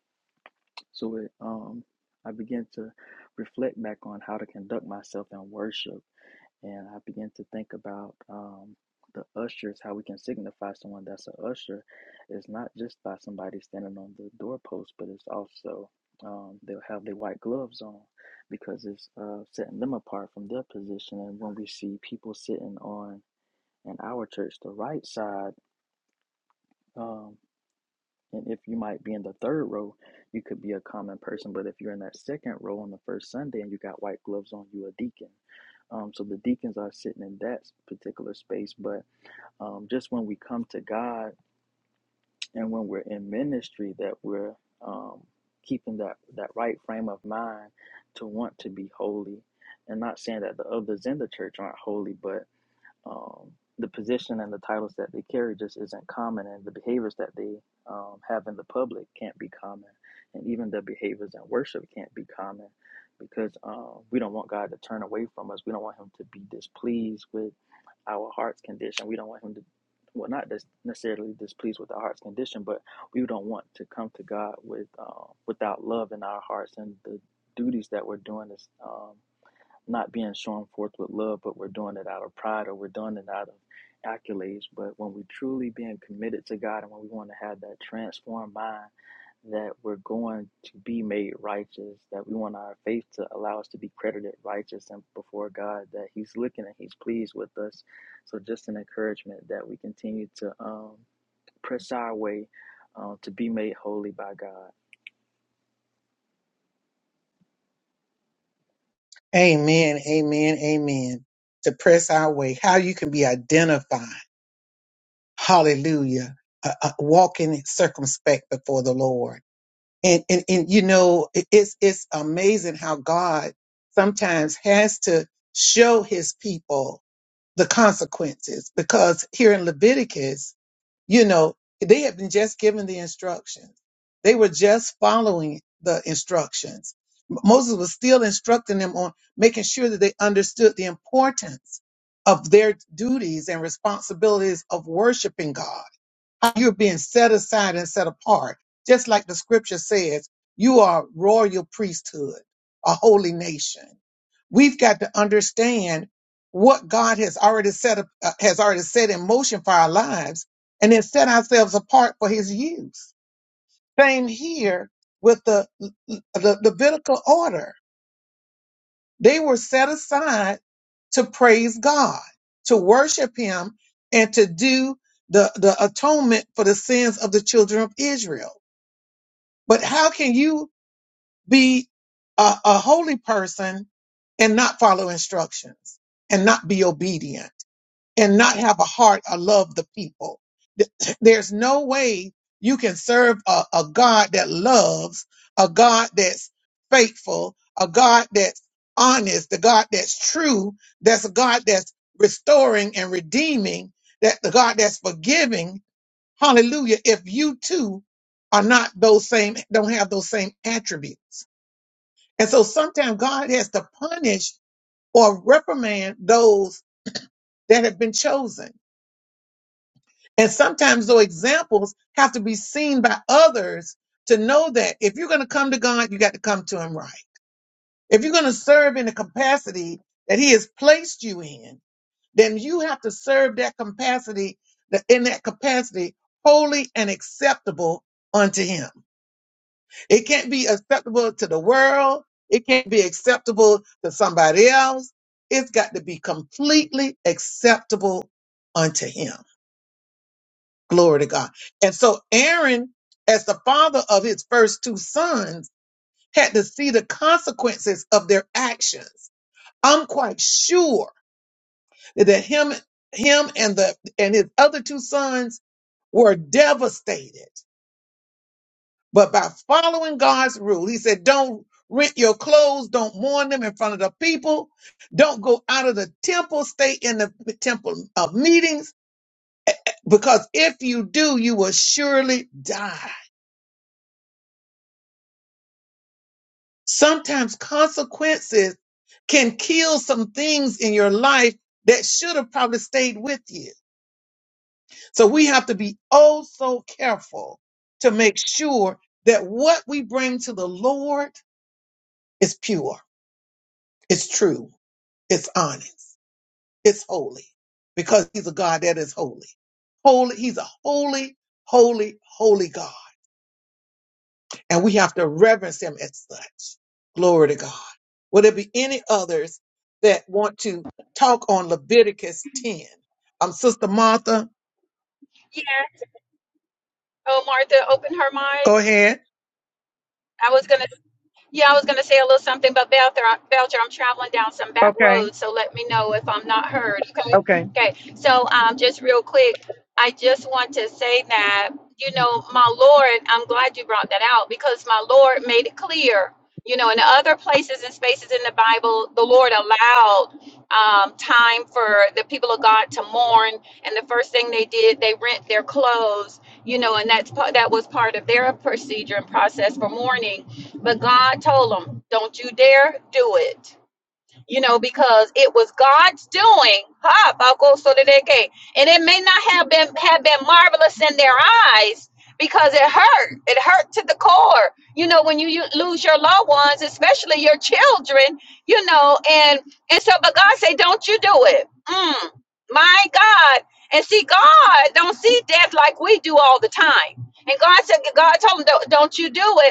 So it, um, I began to reflect back on how to conduct myself in worship, and I began to think about um, the ushers, how we can signify someone that's an usher. It's not just by somebody standing on the doorpost, but it's also um, they'll have their white gloves on because it's uh, setting them apart from their position. And when we see people sitting on in our church, the right side, um. And if you might be in the third row, you could be a common person. But if you're in that second row on the first Sunday and you got white gloves on, you a deacon. Um, so the deacons are sitting in that particular space. But um, just when we come to God and when we're in ministry, that we're um, keeping that, that right frame of mind to want to be holy. And not saying that the others in the church aren't holy, but um, the position and the titles that they carry just isn't common, and the behaviors that they um, have in the public can't be common, and even the behaviors in worship can't be common, because um, we don't want God to turn away from us. We don't want Him to be displeased with our heart's condition. We don't want Him to, well, not dis- necessarily displeased with our heart's condition, but we don't want to come to God with um, without love in our hearts, and the duties that we're doing is um not being shown forth with love, but we're doing it out of pride or we're doing it out of accolades. But when we are truly being committed to God and when we want to have that transformed mind that we're going to be made righteous, that we want our faith to allow us to be credited righteous and before God, that He's looking and He's pleased with us. So just an encouragement that we continue to um, press our way uh, to be made holy by God.
Amen, amen, amen. To press our way, how you can be identified, hallelujah, uh, uh, walking circumspect before the Lord. And, and, and you know, it- it's, it's amazing how God sometimes has to show his people the consequences because here in Leviticus, you know, they had been just given the instructions. They were just following the instructions. M- Moses was still instructing them on making sure that they understood the importance of their duties and responsibilities of worshiping God how you're being set aside and set apart. Just like the scripture says, you are royal priesthood, a holy nation. We've got to understand what God has already set up, uh, has already set in motion for our lives and then set ourselves apart for his use. Same here with the, the Levitical order they were set aside to praise God, to worship Him, and to do the, the atonement for the sins of the children of Israel. But how can you be a, a holy person and not follow instructions and not be obedient? and not have a heart or love the people. Th- [CLEARS THROAT] There's no way you can serve a, a God that loves, a God that's faithful, a God that's honest, a God that's true, that's a God that's restoring and redeeming, that the God that's forgiving. Hallelujah. If you too are not those same, don't have those same attributes. And so sometimes God has to punish or reprimand those that have been chosen And sometimes those examples have to be seen by others to know that if you're going to come to God, you got to come to Him right. If you're going to serve in the capacity that He has placed you in, then you have to serve that capacity, that in that capacity, holy and acceptable unto Him. It can't be acceptable to the world. It can't be acceptable to somebody else. It's got to be completely acceptable unto Him. Glory to God. And so Aaron, as the father of his first two sons, had to see the consequences of their actions. I'm quite sure that him, him and the and his other two sons were devastated. But by following God's rule, he said, don't rent your clothes, don't mourn them in front of the people, don't go out of the temple, stay in the temple of meetings, because if you do, you will surely die. Sometimes consequences can kill some things in your life that should have probably stayed with you. So we have to be oh so careful to make sure that what we bring to the Lord is pure, it's true, it's honest, it's holy, because He's a God that is holy. Holy, He's a holy, holy, holy God. and we have to reverence him as such. Glory to God. Will there be any others that want to talk on Leviticus 10? Um, Sister Martha,
Yeah. Oh, Martha, open her mic.
go ahead.
I was gonna. Yeah, I was going to say a little something, but Belcher, Belcher, I'm traveling down some back
Okay,
roads, so let me know if I'm not heard. Okay.
okay.
Okay. So, um, just real quick, I just want to say that, you know, my Lord, I'm glad you brought that out because my Lord made it clear. You know, in other places and spaces in the Bible, the Lord allowed um, time for the people of God to mourn, and the first thing they did, they rent their clothes. You know, and that's part that was part of their procedure and process for mourning but God told him, don't you dare do it. You know, because it was God's doing. Ha, Paco Sodeke. And it may not have been have been marvelous in their eyes because it hurt. It hurt to the core. You know, when you, you lose your loved ones, especially your children, you know, and and so but God said, Don't you do it. Mm, my God. And see, God don't see death like we do all the time. And God said, God told him, don't, don't you do it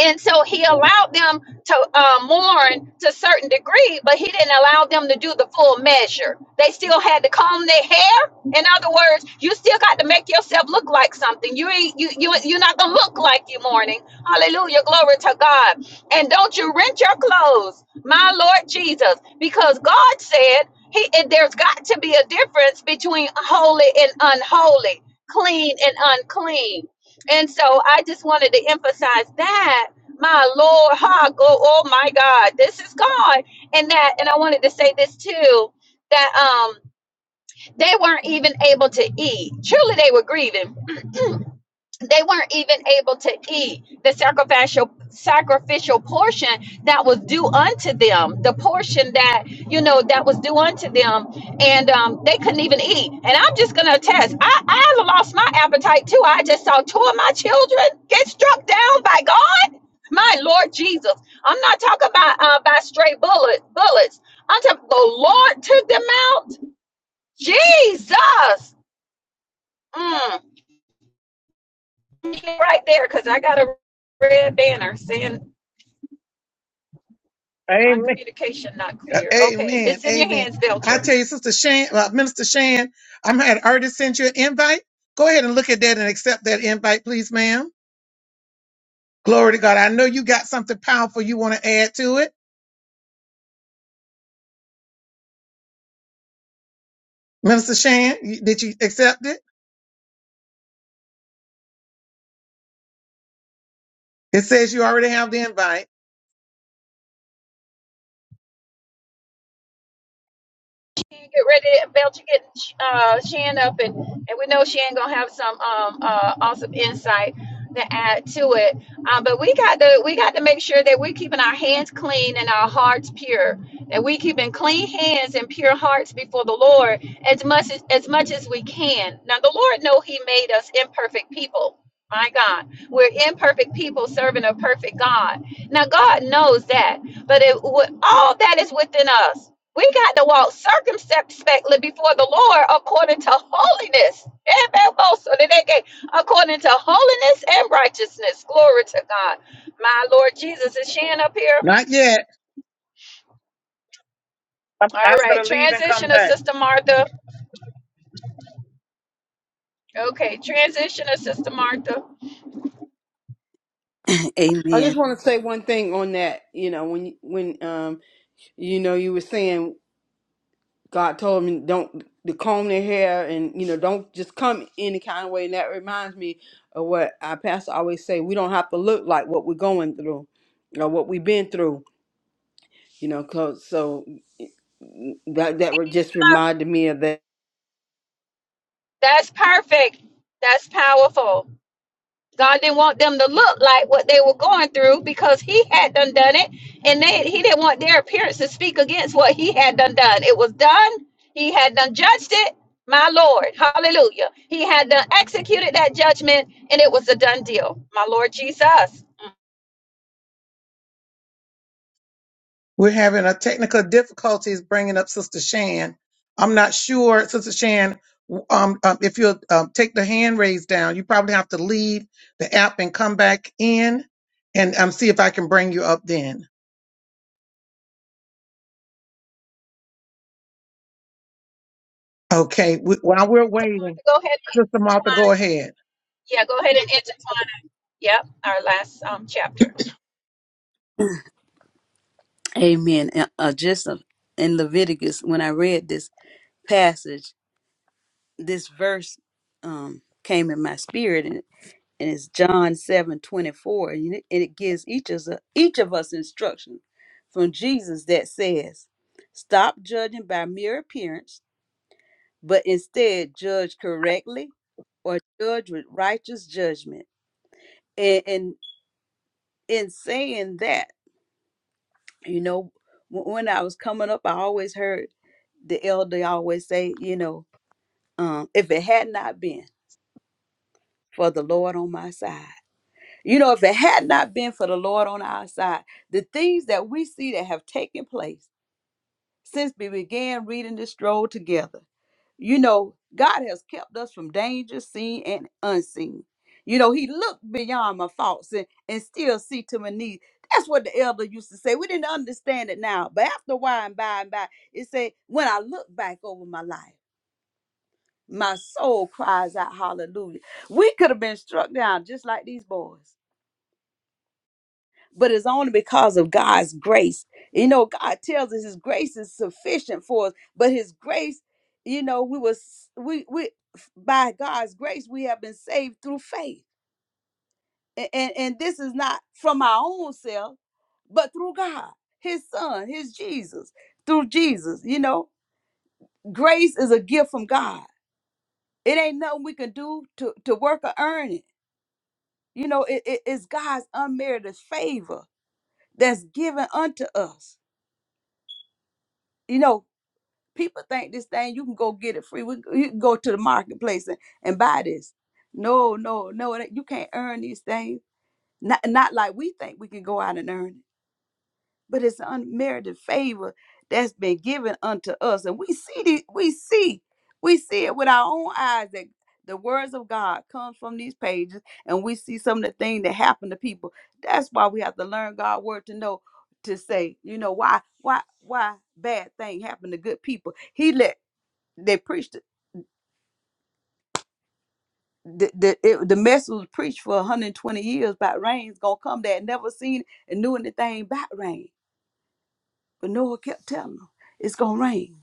and so he allowed them to uh, mourn to a certain degree, but he didn't allow them to do the full measure. They still had to comb their hair. In other words, you still got to make yourself look like something. You ain't you you you're not gonna look like you mourning. Hallelujah, glory to God. And don't you rent your clothes, my Lord Jesus, because God said he and there's got to be a difference between holy and unholy, clean and unclean. And so I just wanted to emphasize that. My Lord, ha, go, oh my God, this is God. And that, and I wanted to say this too, that um they weren't even able to eat. Truly they were grieving they weren't even able to eat the sacrificial sacrificial portion that was due unto them the portion that you know that was due unto them and um, they couldn't even eat and i'm just gonna attest i i lost my appetite too i just saw two of my children get struck down by god my lord jesus i'm not talking about uh, by stray bullet bullets i'm talking the lord took them out jesus Mm. right there because I got a red banner saying that my
Amen.
communication not
Uh,
clear. Okay,
Amen.
it's in your
Amen.
hands,
I
Belcher.
tell you, Sister Shan, uh, Minister Shan, I'm had already sent you an invite. Go ahead and look at that and accept that invite, please, ma'am. Glory to God. I know you got something powerful you want to add to it. Minister Shan, you- did you accept it? It says you already have the invite.
Shan get ready. Belcher get uh, Shan up, and, and we know Shan gonna have some um uh, awesome insight to add to it. Um, but we got to we got to make sure that we're keeping our hands clean and our hearts pure. That we keeping clean hands and pure hearts before the Lord as much as, as much as we can. Now the Lord know He made us imperfect people. My God, we're imperfect people serving a perfect God. Now God knows that, but it, with- all that is within us we got to walk circumspectly before the Lord according to holiness. Amen. Most According to holiness and righteousness. Glory to God. My Lord Jesus, is Shan up here?
Not yet.
All right.
leave and come
transitioner
back.
Sister Martha. Okay. transitioner Sister Martha.
[CLEARS THROAT]
I
Amen.
just want to say one thing on that. You know, when when um you know you were saying God told me don't to comb their hair and you know don't just come any kind of way. And that reminds me of what our pastor always say: we don't have to look like what we're going through or what we've been through. You know, 'cause- so that that re- just reminded me of that.
That's perfect. That's powerful. God didn't want them to look like what they were going through because he had done done it, and they he didn't want their appearance to speak against what he had done done. It was done. He had done judged it. My Lord, Hallelujah. He had done executed that judgment, and it was a done deal. My Lord Jesus. Martha,
We're having a technical difficulties bringing up Sister Shan. I'm not sure, Sister Shan, um, um, if you'll um, take the hand raised down, you probably have to leave the app and come back in and um, see if I can bring you up then. Okay, we, while we're waiting,
go ahead and
Sister Martha, go
intertwine.
ahead.
Yeah, go ahead and intertwine. Yep, our last um chapter.
Amen. And, Uh, just uh, in Leviticus, when I read this passage, this verse um, came in my spirit, and, and it's John seven twenty four, and it, and it gives each of us, each of us instruction from Jesus that says, "Stop judging by mere appearance, but instead judge correctly, or judge with righteous judgment." and, and in saying that, you know, w- when I was coming up, I always heard the elder always say, you know, um, if it had not been for the Lord on my side, you know, if it had not been for the Lord on our side, the things that we see that have taken place since we began reading this stroll together. You know, God has kept us from danger seen and unseen. You know, He looked beyond my faults and, and still see to my needs. That's what the elder used to say. We didn't understand it now, but after a while and by and by, it said, when I look back over my life, my soul cries out hallelujah. We could have been struck down just like these boys but it's only because of God's grace. You know, God tells us His grace is sufficient for us, but His grace, you know, we was we we by God's grace we have been saved through faith, and and, and this is not from our own self, but through God, His Son, His Jesus, through Jesus. You know, grace is a gift from God. It ain't nothing we can do to to work or earn it. You know, it, it- it's God's unmerited favor that's given unto us. You know, people think this thing you can go get it free. We, you can go to the marketplace and, and buy this. No, no, no, it ain't- you can't earn these things. Not not like we think we can go out and earn it, but it's unmerited favor that's been given unto us, and we see the, we see we see it with our own eyes that the words of God come from these pages, and we see some of the things that happen to people. That's why we have to learn God's word to know to say, you know, why, why, why bad thing happen to good people. He let they preached it. the the, it, the message was preached for 120 years about rain's gonna come. They had never seen it and knew anything about rain, but Noah kept telling them, "It's gonna rain.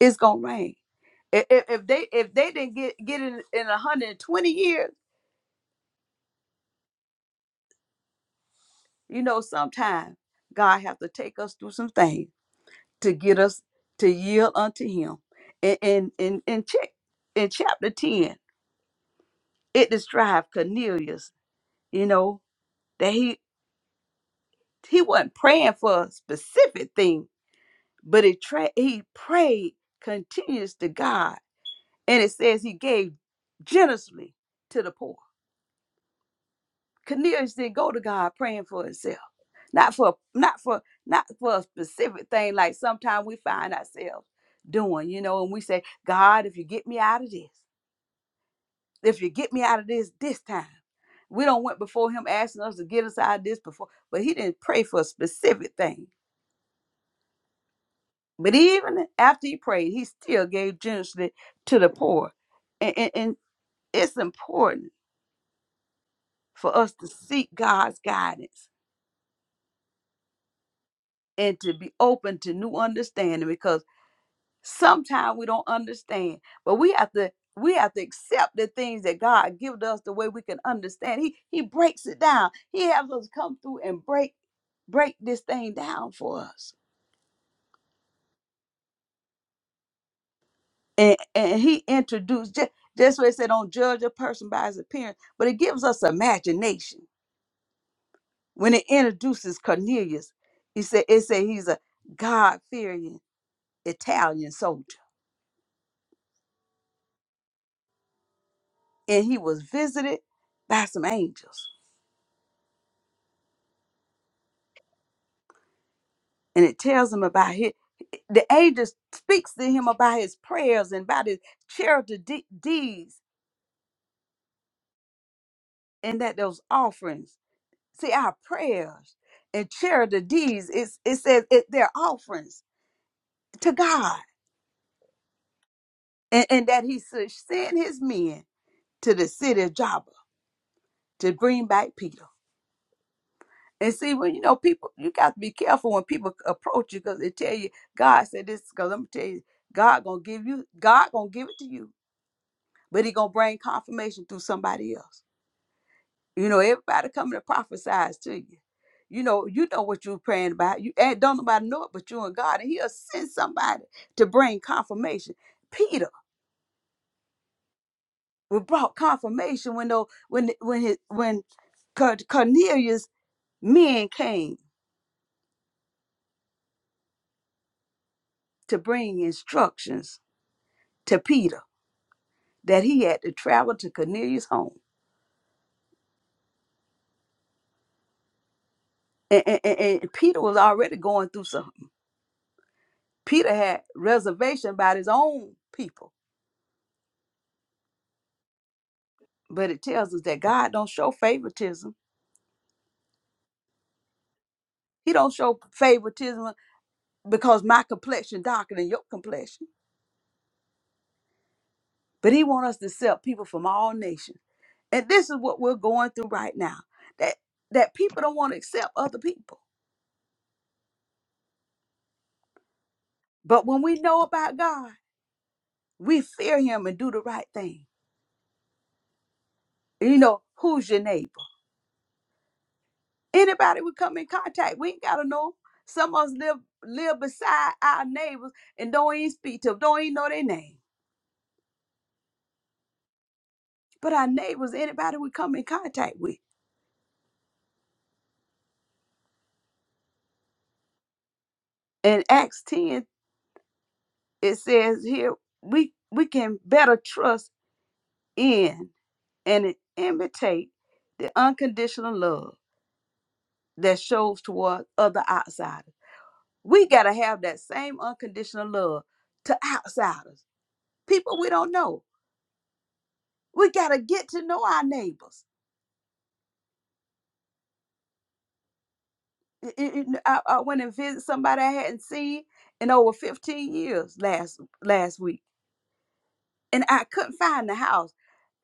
It's gonna rain." If i- If they if they didn't get get it in 120 years, you know, sometimes God have to take us through some things to get us to yield unto Him. And and and, and check in chapter 10, it describes Cornelius. You know that he he wasn't praying for a specific thing, but it tra- he prayed continuous to God. And it says he gave generously to the poor. Cornelius didn't go to God praying for himself. Not for not for not for a specific thing like sometimes we find ourselves doing, you know, and we say, God, if you get me out of this, if you get me out of this this time. We don't went before him asking us to get us out of this before, but he didn't pray for a specific thing But even after he prayed, he still gave generously to the poor. And, and, and it's important for us to seek God's guidance and to be open to new understanding because sometimes we don't understand, but we have to we have to accept the things that God gives us the way we can understand. He he breaks it down. He has us come through and break break this thing down for us. and and he introduced just, just what it said don't judge a person by his appearance but it gives us imagination when it introduces cornelius he said it said he's a god-fearing italian soldier and he was visited by some angels and it tells him about his the angel speaks to him about his prayers and about his charity de- deeds and that those offerings see our prayers and charity deeds it's, it says it, they're offerings to god and, and that he should send his men to the city of Joppa to bring back Peter. And see, when you know people, you got to be careful when people approach you because they tell you God said this. Because I'm tell you, God gonna give you, God gonna give it to you, but He gonna bring confirmation through somebody else. You know, everybody coming to prophesize to you. You know, you know what you're praying about. You and don't nobody know it but you and God, and He'll send somebody to bring confirmation. Peter. We brought confirmation when though when when his, when Cor- Cornelius men came to bring instructions to Peter that he had to travel to Cornelius' home. And, and, and and Peter was already going through something. Peter had reservation about his own people. But it tells us that God don't show favoritism. He don't show favoritism because my complexion darker than your complexion. But he wants us to accept people from all nations. And this is what we're going through right now. That that people don't want to accept other people. But when we know about God, we fear him and do the right thing. You know, who's your neighbor? Anybody we come in contact, we ain't gotta know. 'em. Some of us live live beside our neighbors and don't even speak to them, don't even know their name. But our neighbors, anybody we come in contact with. In Acts 10, it says here, we we can better trust in and imitate the unconditional love that shows toward other outsiders. We got to have that same unconditional love to outsiders, people we don't know. We got to get to know our neighbors. I, I- I- I went and visited somebody I hadn't seen in over 15 years last last week, and I couldn't find the house.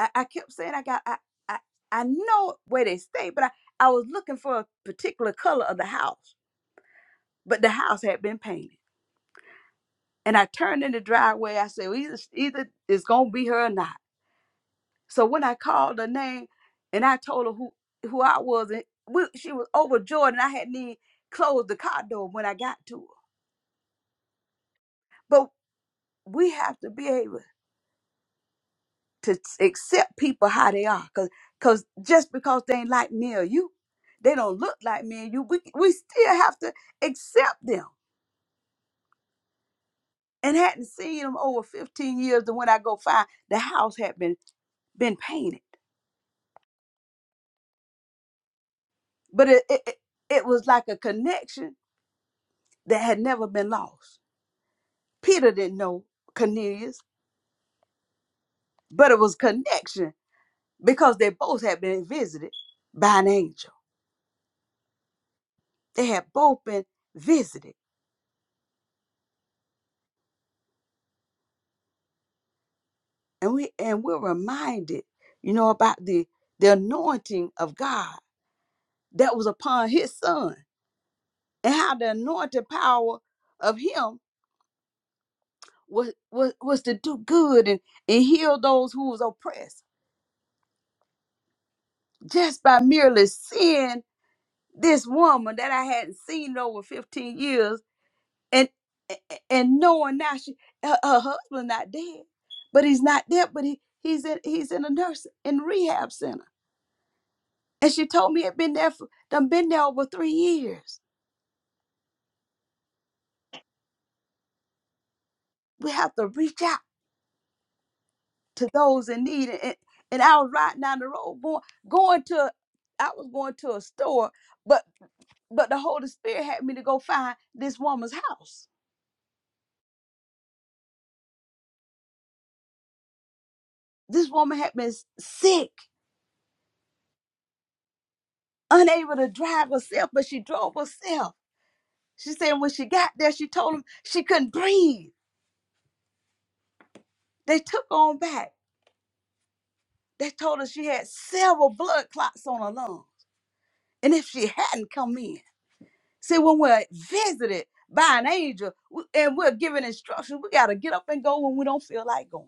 I, I kept saying I got I, I I know where they stay, but I, I was looking for a particular color of the house, but the house had been painted And I turned in the driveway. I said, well, either, either it's going to be her or not. So when I called her name and I told her who, who I was, and we, she was overjoyed and I hadn't even closed the car door when I got to her. But we have to be able to accept people how they are. cause Cause, 'cause just because they ain't like me or you, they don't look like me and you, we, we still have to accept them. And hadn't seen them over 15 years. And when I go find, the house had been been painted. But it, it, it it was like a connection that had never been lost. Peter didn't know Cornelius, but it was connection because they both had been visited by an angel. They had both been visited. And we and we're reminded, you know, about the the anointing of God that was upon his son and how the anointed power of him was was, was to do good and, and heal those who was oppressed just by merely seeing this woman that I hadn't seen in over 15 years and and knowing now she her, her husband not dead, but he's not dead, but he he's in he's in a nurse in rehab center. And she told me it'd been there for done been there over three years. We have to reach out to those in need. And, and I was riding down the road going going to I was going to a store, but but the Holy Spirit had me to go find this woman's house. This woman had been sick unable to drive herself, but she drove herself. She said when she got there, she told them she couldn't breathe. They took her on back. They told her she had several blood clots on her lungs. And if she hadn't come in, see, when we're visited by an angel w- and we're given instructions, we got to get up and go when we don't feel like going.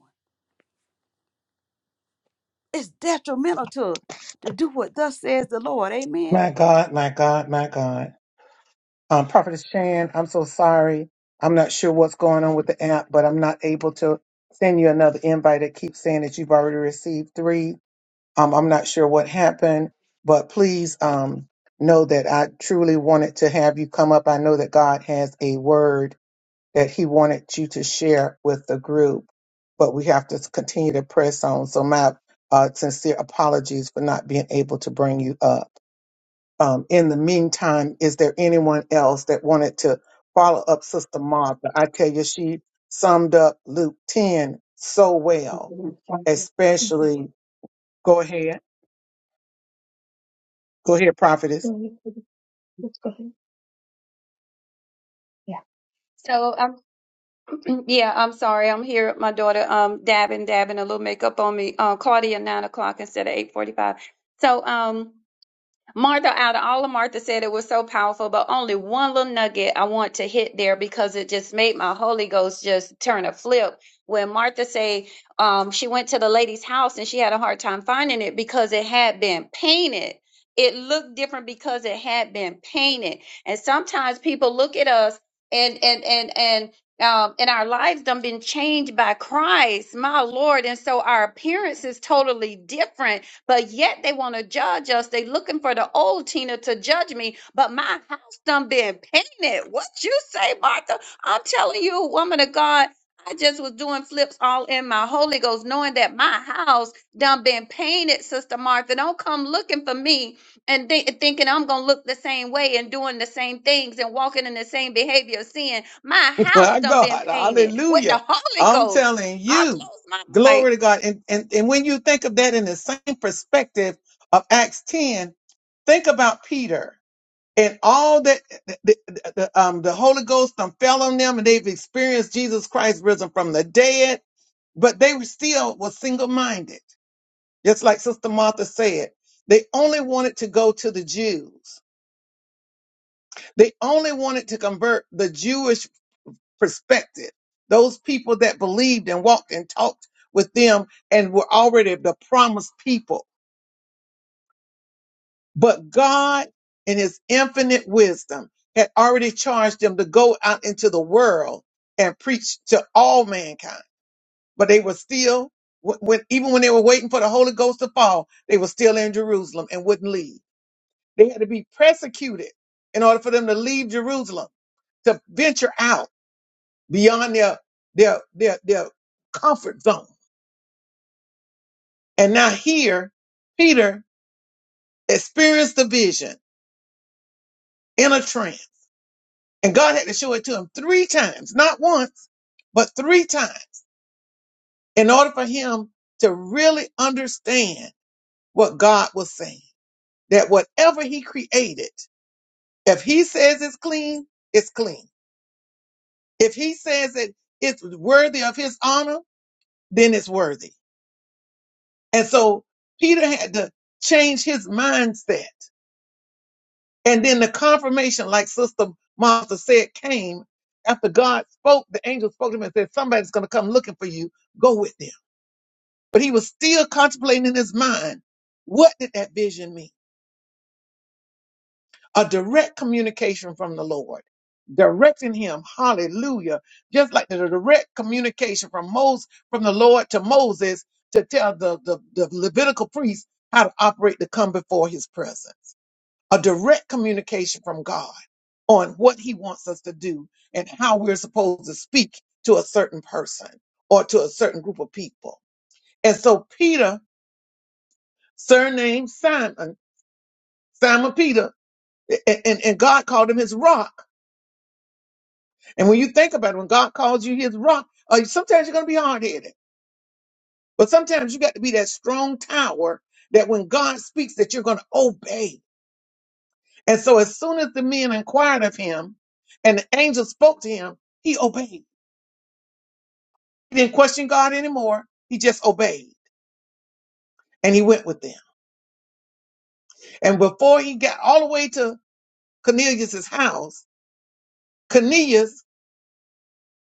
It's detrimental to us to do what thus says the Lord. Amen.
My God, my God, my God. Um, Prophetess Shan, I'm so sorry. I'm not sure what's going on with the app, but I'm not able to send you another invite. It keeps saying that you've already received three. Um, I'm not sure what happened, but please um, know that I truly wanted to have you come up. I know that God has a word that he wanted you to share with the group, but we have to continue to press on. So my uh, sincere apologies for not being able to bring you up. Um, in the meantime, is there anyone else that wanted to follow up Sister Martha? I tell you, she summed up Luke 10 so well, especially. Go ahead. Go ahead, prophetess.
So Yeah, I'm sorry. I'm here with my daughter, um, dabbing, dabbing a little makeup on me. Uh, Claudia, nine o'clock instead of eight forty-five. So, um, Martha, out of all of Martha said it was so powerful, but only one little nugget I want to hit there because it just made my Holy Ghost just turn a flip. When Martha say um, she went to the lady's house and she had a hard time finding it because it had been painted. It looked different because it had been painted. And sometimes people look at us and and and and um, and our lives done been changed by Christ, my Lord. And so our appearance is totally different but yet they want to judge us. They looking for the old Tina to judge me, but my house done been painted. What you say, Martha? I'm telling you, woman of God, I just was doing flips all in my Holy Ghost, knowing that my house done been painted, Sister Martha. Don't come looking for me and thi- thinking I'm gonna look the same way and doing the same things and walking in the same behavior of sin. My
[LAUGHS]
house
My
done been
God,
painted with
hallelujah.
the Holy
I'm
Ghost.
telling
I
you,
close my mic.
glory to God. And, and, and when you think of that in the same perspective of Acts 10, think about Peter and all that the, the, the, um, the Holy Ghost done fell on them and they've experienced Jesus Christ risen from the dead, but they were still was single minded. Just like Sister Martha said, they only wanted to go to the Jews. They only wanted to convert the Jewish perspective. Those people that believed and walked and talked with them and were already the promised people. But God, in his infinite wisdom, had already charged them to go out into the world and preach to all mankind. But they were still, when, when- even when they were waiting for the Holy Ghost to fall, they were still in Jerusalem and wouldn't leave. They had to be persecuted in order for them to leave Jerusalem, to venture out beyond their, their, their, their comfort zone And now here, Peter experienced the vision in a trance. And God had to show it to him three times, not once, but three times in order for him to really understand what God was saying. That whatever he created, if he says it's clean, it's clean. If he says that it's worthy of his honor, then it's worthy. And so Peter had to change his mindset And then the confirmation, like Sister Martha said, came after God spoke, the angel spoke to him and said, Somebody's going to come looking for you. Go with them. But he was still contemplating in his mind, what did that vision mean? A direct communication from the Lord, directing him, hallelujah, just like the direct communication from Moses, from the Lord to Moses to tell the, the, the Levitical priest how to operate to come before his presence. a direct communication from God on what he wants us to do and how we're supposed to speak to a certain person or to a certain group of people. And so Peter, surnamed Simon, Simon Peter, a- and, and God called him his rock. And when you think about it, when God calls you his rock, uh, sometimes you're going to be hard headed, but sometimes you got to be that strong tower that when God speaks that you're going to obey. And so as soon as the men inquired of him and the angel spoke to him, he obeyed. He didn't question God anymore. He just obeyed and he went with them. And before he got all the way to Cornelius's house, Cornelius,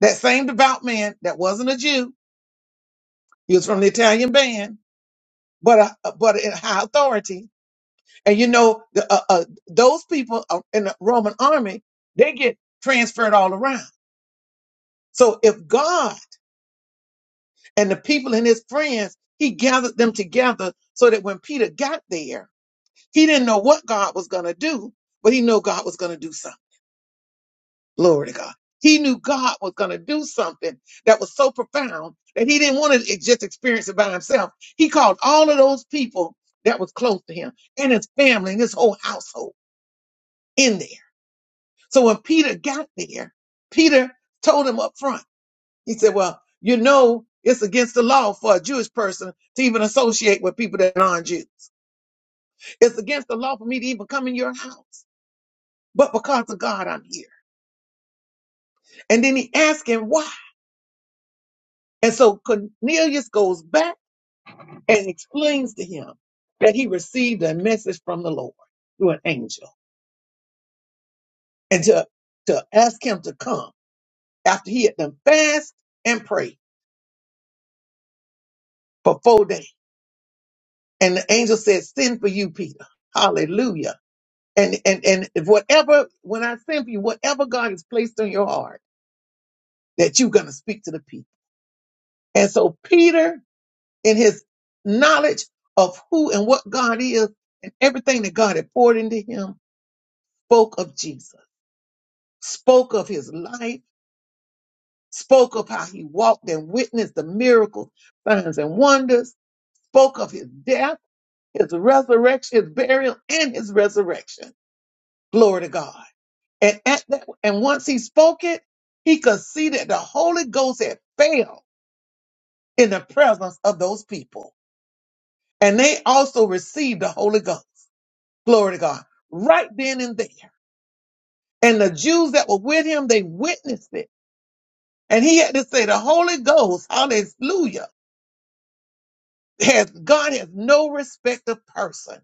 that same devout man that wasn't a Jew, he was from the Italian band, but a, but in high authority. And you know, the, uh, uh, those people are in the Roman army, they get transferred all around. So if God and the people and his friends, he gathered them together so that when Peter got there, He didn't know what God was going to do, but he knew God was going to do something. Glory to God. He knew God was going to do something that was so profound that he didn't want to just experience it by himself. He called all of those people that was close to him and his family and his whole household in there. So when Peter got there, Peter told him up front, he said, well, you know, it's against the law for a Jewish person to even associate with people that aren't Jews. It's against the law for me to even come in your house. But because of God, I'm here. And then he asks him why. And so Cornelius goes back and explains to him that he received a message from the Lord through an angel and to, to ask him to come after he had done fast and pray for four days. And the angel said, send for you, Peter. Hallelujah. And, and, and whatever, when I send for you, whatever God has placed on your heart, that you're going to speak to the people. And so Peter in his knowledge of who and what God is and everything that God had poured into him spoke of Jesus, spoke of his life, spoke of how he walked and witnessed the miracles, signs and wonders, spoke of his death, his resurrection, his burial and his resurrection. Glory to God. And at that, and once he spoke it, he could see that the Holy Ghost had failed in the presence of those people. And they also received the Holy Ghost. Glory to God. Right then and there. And the Jews that were with him, they witnessed it. And he had to say, the Holy Ghost, hallelujah, has, God has no respect of person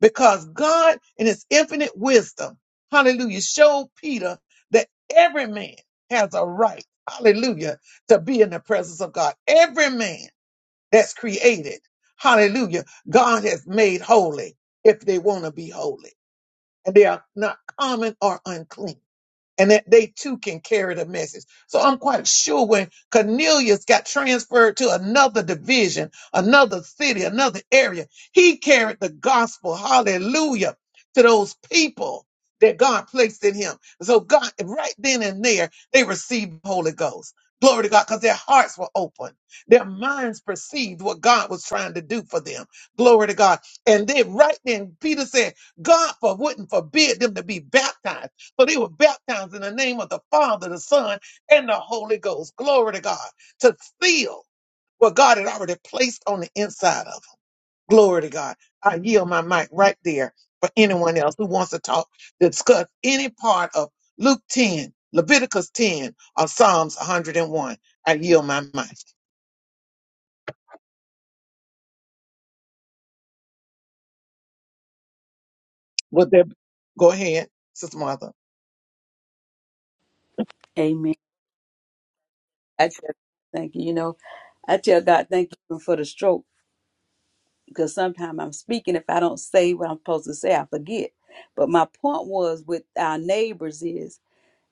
because God in his infinite wisdom, hallelujah, showed Peter that every man has a right, hallelujah, to be in the presence of God. Every man that's created, hallelujah, God has made holy if they want to be holy and they are not common or unclean. and that they too can carry the message. So I'm quite sure when Cornelius got transferred to another division, another city, another area, he carried the gospel, hallelujah, to those people that God placed in him. So God, right then and there, they received the Holy Ghost. Glory to God, because their hearts were open. Their minds perceived what God was trying to do for them. Glory to God. And then right then, Peter said, God for, wouldn't forbid them to be baptized. For they were baptized in the name of the Father, the Son, and the Holy Ghost. Glory to God. To seal what God had already placed on the inside of them. Glory to God. I yield my mic right there for anyone else who wants to talk, discuss any part of Luke 10, Leviticus 10, or Psalms 101. I yield my mic. Would there go ahead, Sister Martha?
Amen. I tell God, thank you. You know, I tell God thank you for the stroke because sometimes I'm speaking. If I don't say what I'm supposed to say, I forget. But my point was with our neighbors is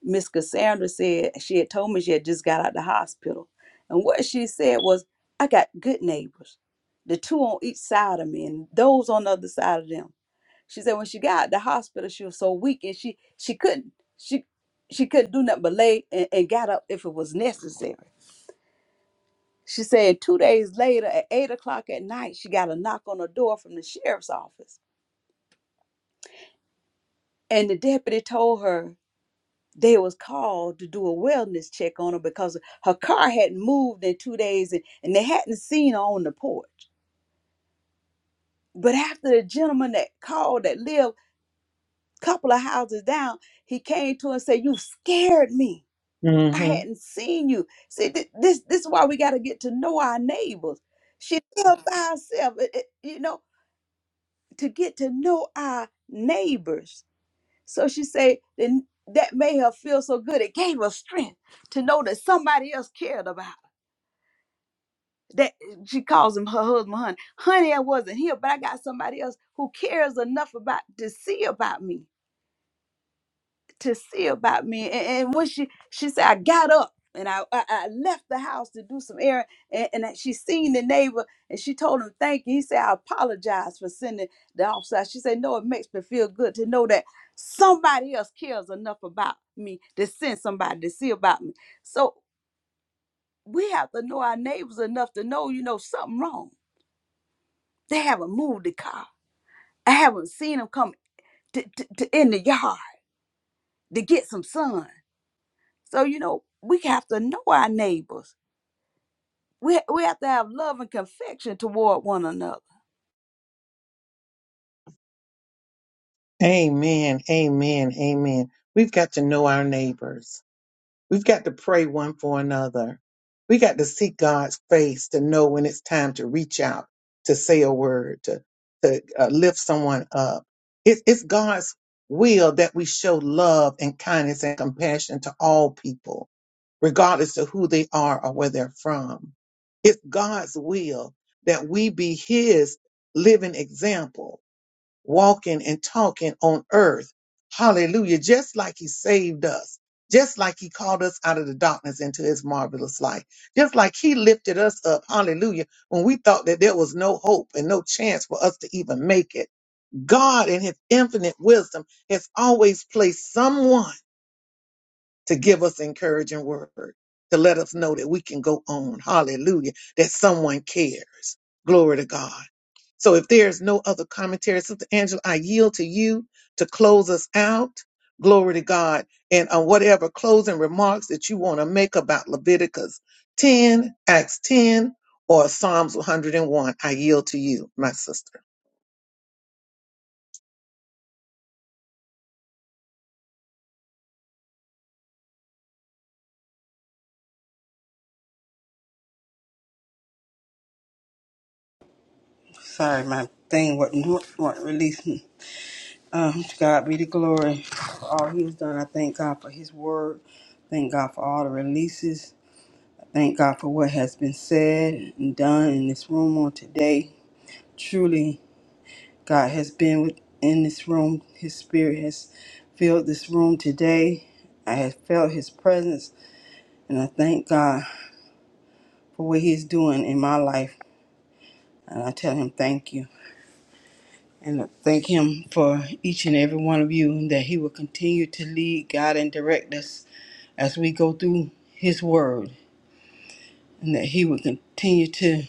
Miss Cassandra said she had told me she had just got out of the hospital. And what she said was, I got good neighbors, the two on each side of me and those on the other side of them. She said when she got out of the hospital, she was so weak and she she couldn't she she couldn't do nothing but lay and, and got up if it was necessary. She said two days later at eight o'clock at night, she got a knock on the door from the sheriff's office And the deputy told her they was called to do a wellness check on her because her car hadn't moved in two days and, and they hadn't seen her on the porch. But after the gentleman that called that lived a couple of houses down, he came to her and said, You scared me. I
hmm
hadn't seen you. See, thi- this this is why we got to get to know our neighbors. She lived by herself, it- it- you know, to get to know our neighbors So she said, then that made her feel so good. It gave her strength to know that somebody else cared about her. That she calls him her husband, honey. Honey, I wasn't here, but I got somebody else who cares enough about to see about me. to see about me. And, and when she she said, I got up and I, I I left the house to do some errand, and, and that she seen the neighbor and she told him thank you. He said, I apologize for sending the officer. out." She said, No, it makes me feel good to know that somebody else cares enough about me to send somebody to see about me. So we have to know our neighbors enough to know, you know, something wrong. They haven't moved the car. I haven't seen them come to, to, to in the yard to get some sun. So, you know, we have to know our neighbors. We, we have to have love and affection toward one another.
Amen. Amen. Amen. We've got to know our neighbors. We've got to pray one for another. We got to seek God's face to know when it's time to reach out, to say a word, to, to uh, lift someone up. It, it's God's will that we show love and kindness and compassion to all people, regardless of who they are or where they're from. It's God's will that we be His living example walking and talking on earth. Hallelujah. Just like he saved us. Just like he called us out of the darkness into his marvelous light. Just like he lifted us up. Hallelujah. When we thought that there was no hope and no chance for us to even make it. God in his infinite wisdom has always placed someone to give us encouraging word, to let us know that we can go on. Hallelujah. That someone cares. Glory to God. So if there's no other commentary, Sister Angela, I yield to you to close us out. Glory to God. And on whatever closing remarks that you want to make about Leviticus 10, Acts 10, or Psalms 101, I yield to you, my sister.
Sorry, my thing wasn't wasn't released. Um, to God be the glory for all He has done. I thank God for His word. Thank God for all the releases. Thank God for what has been said and done in this room on today. Truly, God has been with, in this room. His spirit has filled this room today. I have felt His presence, and I thank God for what He's doing in my life. And I tell Him thank you. And I thank Him for each and every one of you and that He will continue to lead, guide, and direct us as we go through His Word, and that He would continue to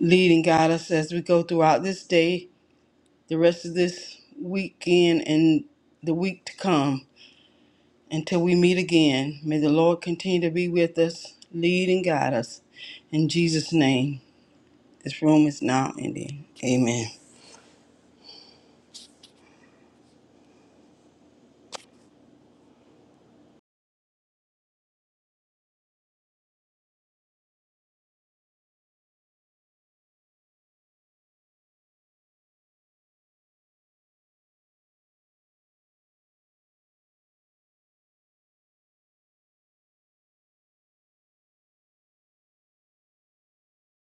lead and guide us as we go throughout this day, the rest of this weekend, and the week to come. Until we meet again, may the Lord continue to be with us, lead and guide us. In Jesus' name, this room is now ending. Amen.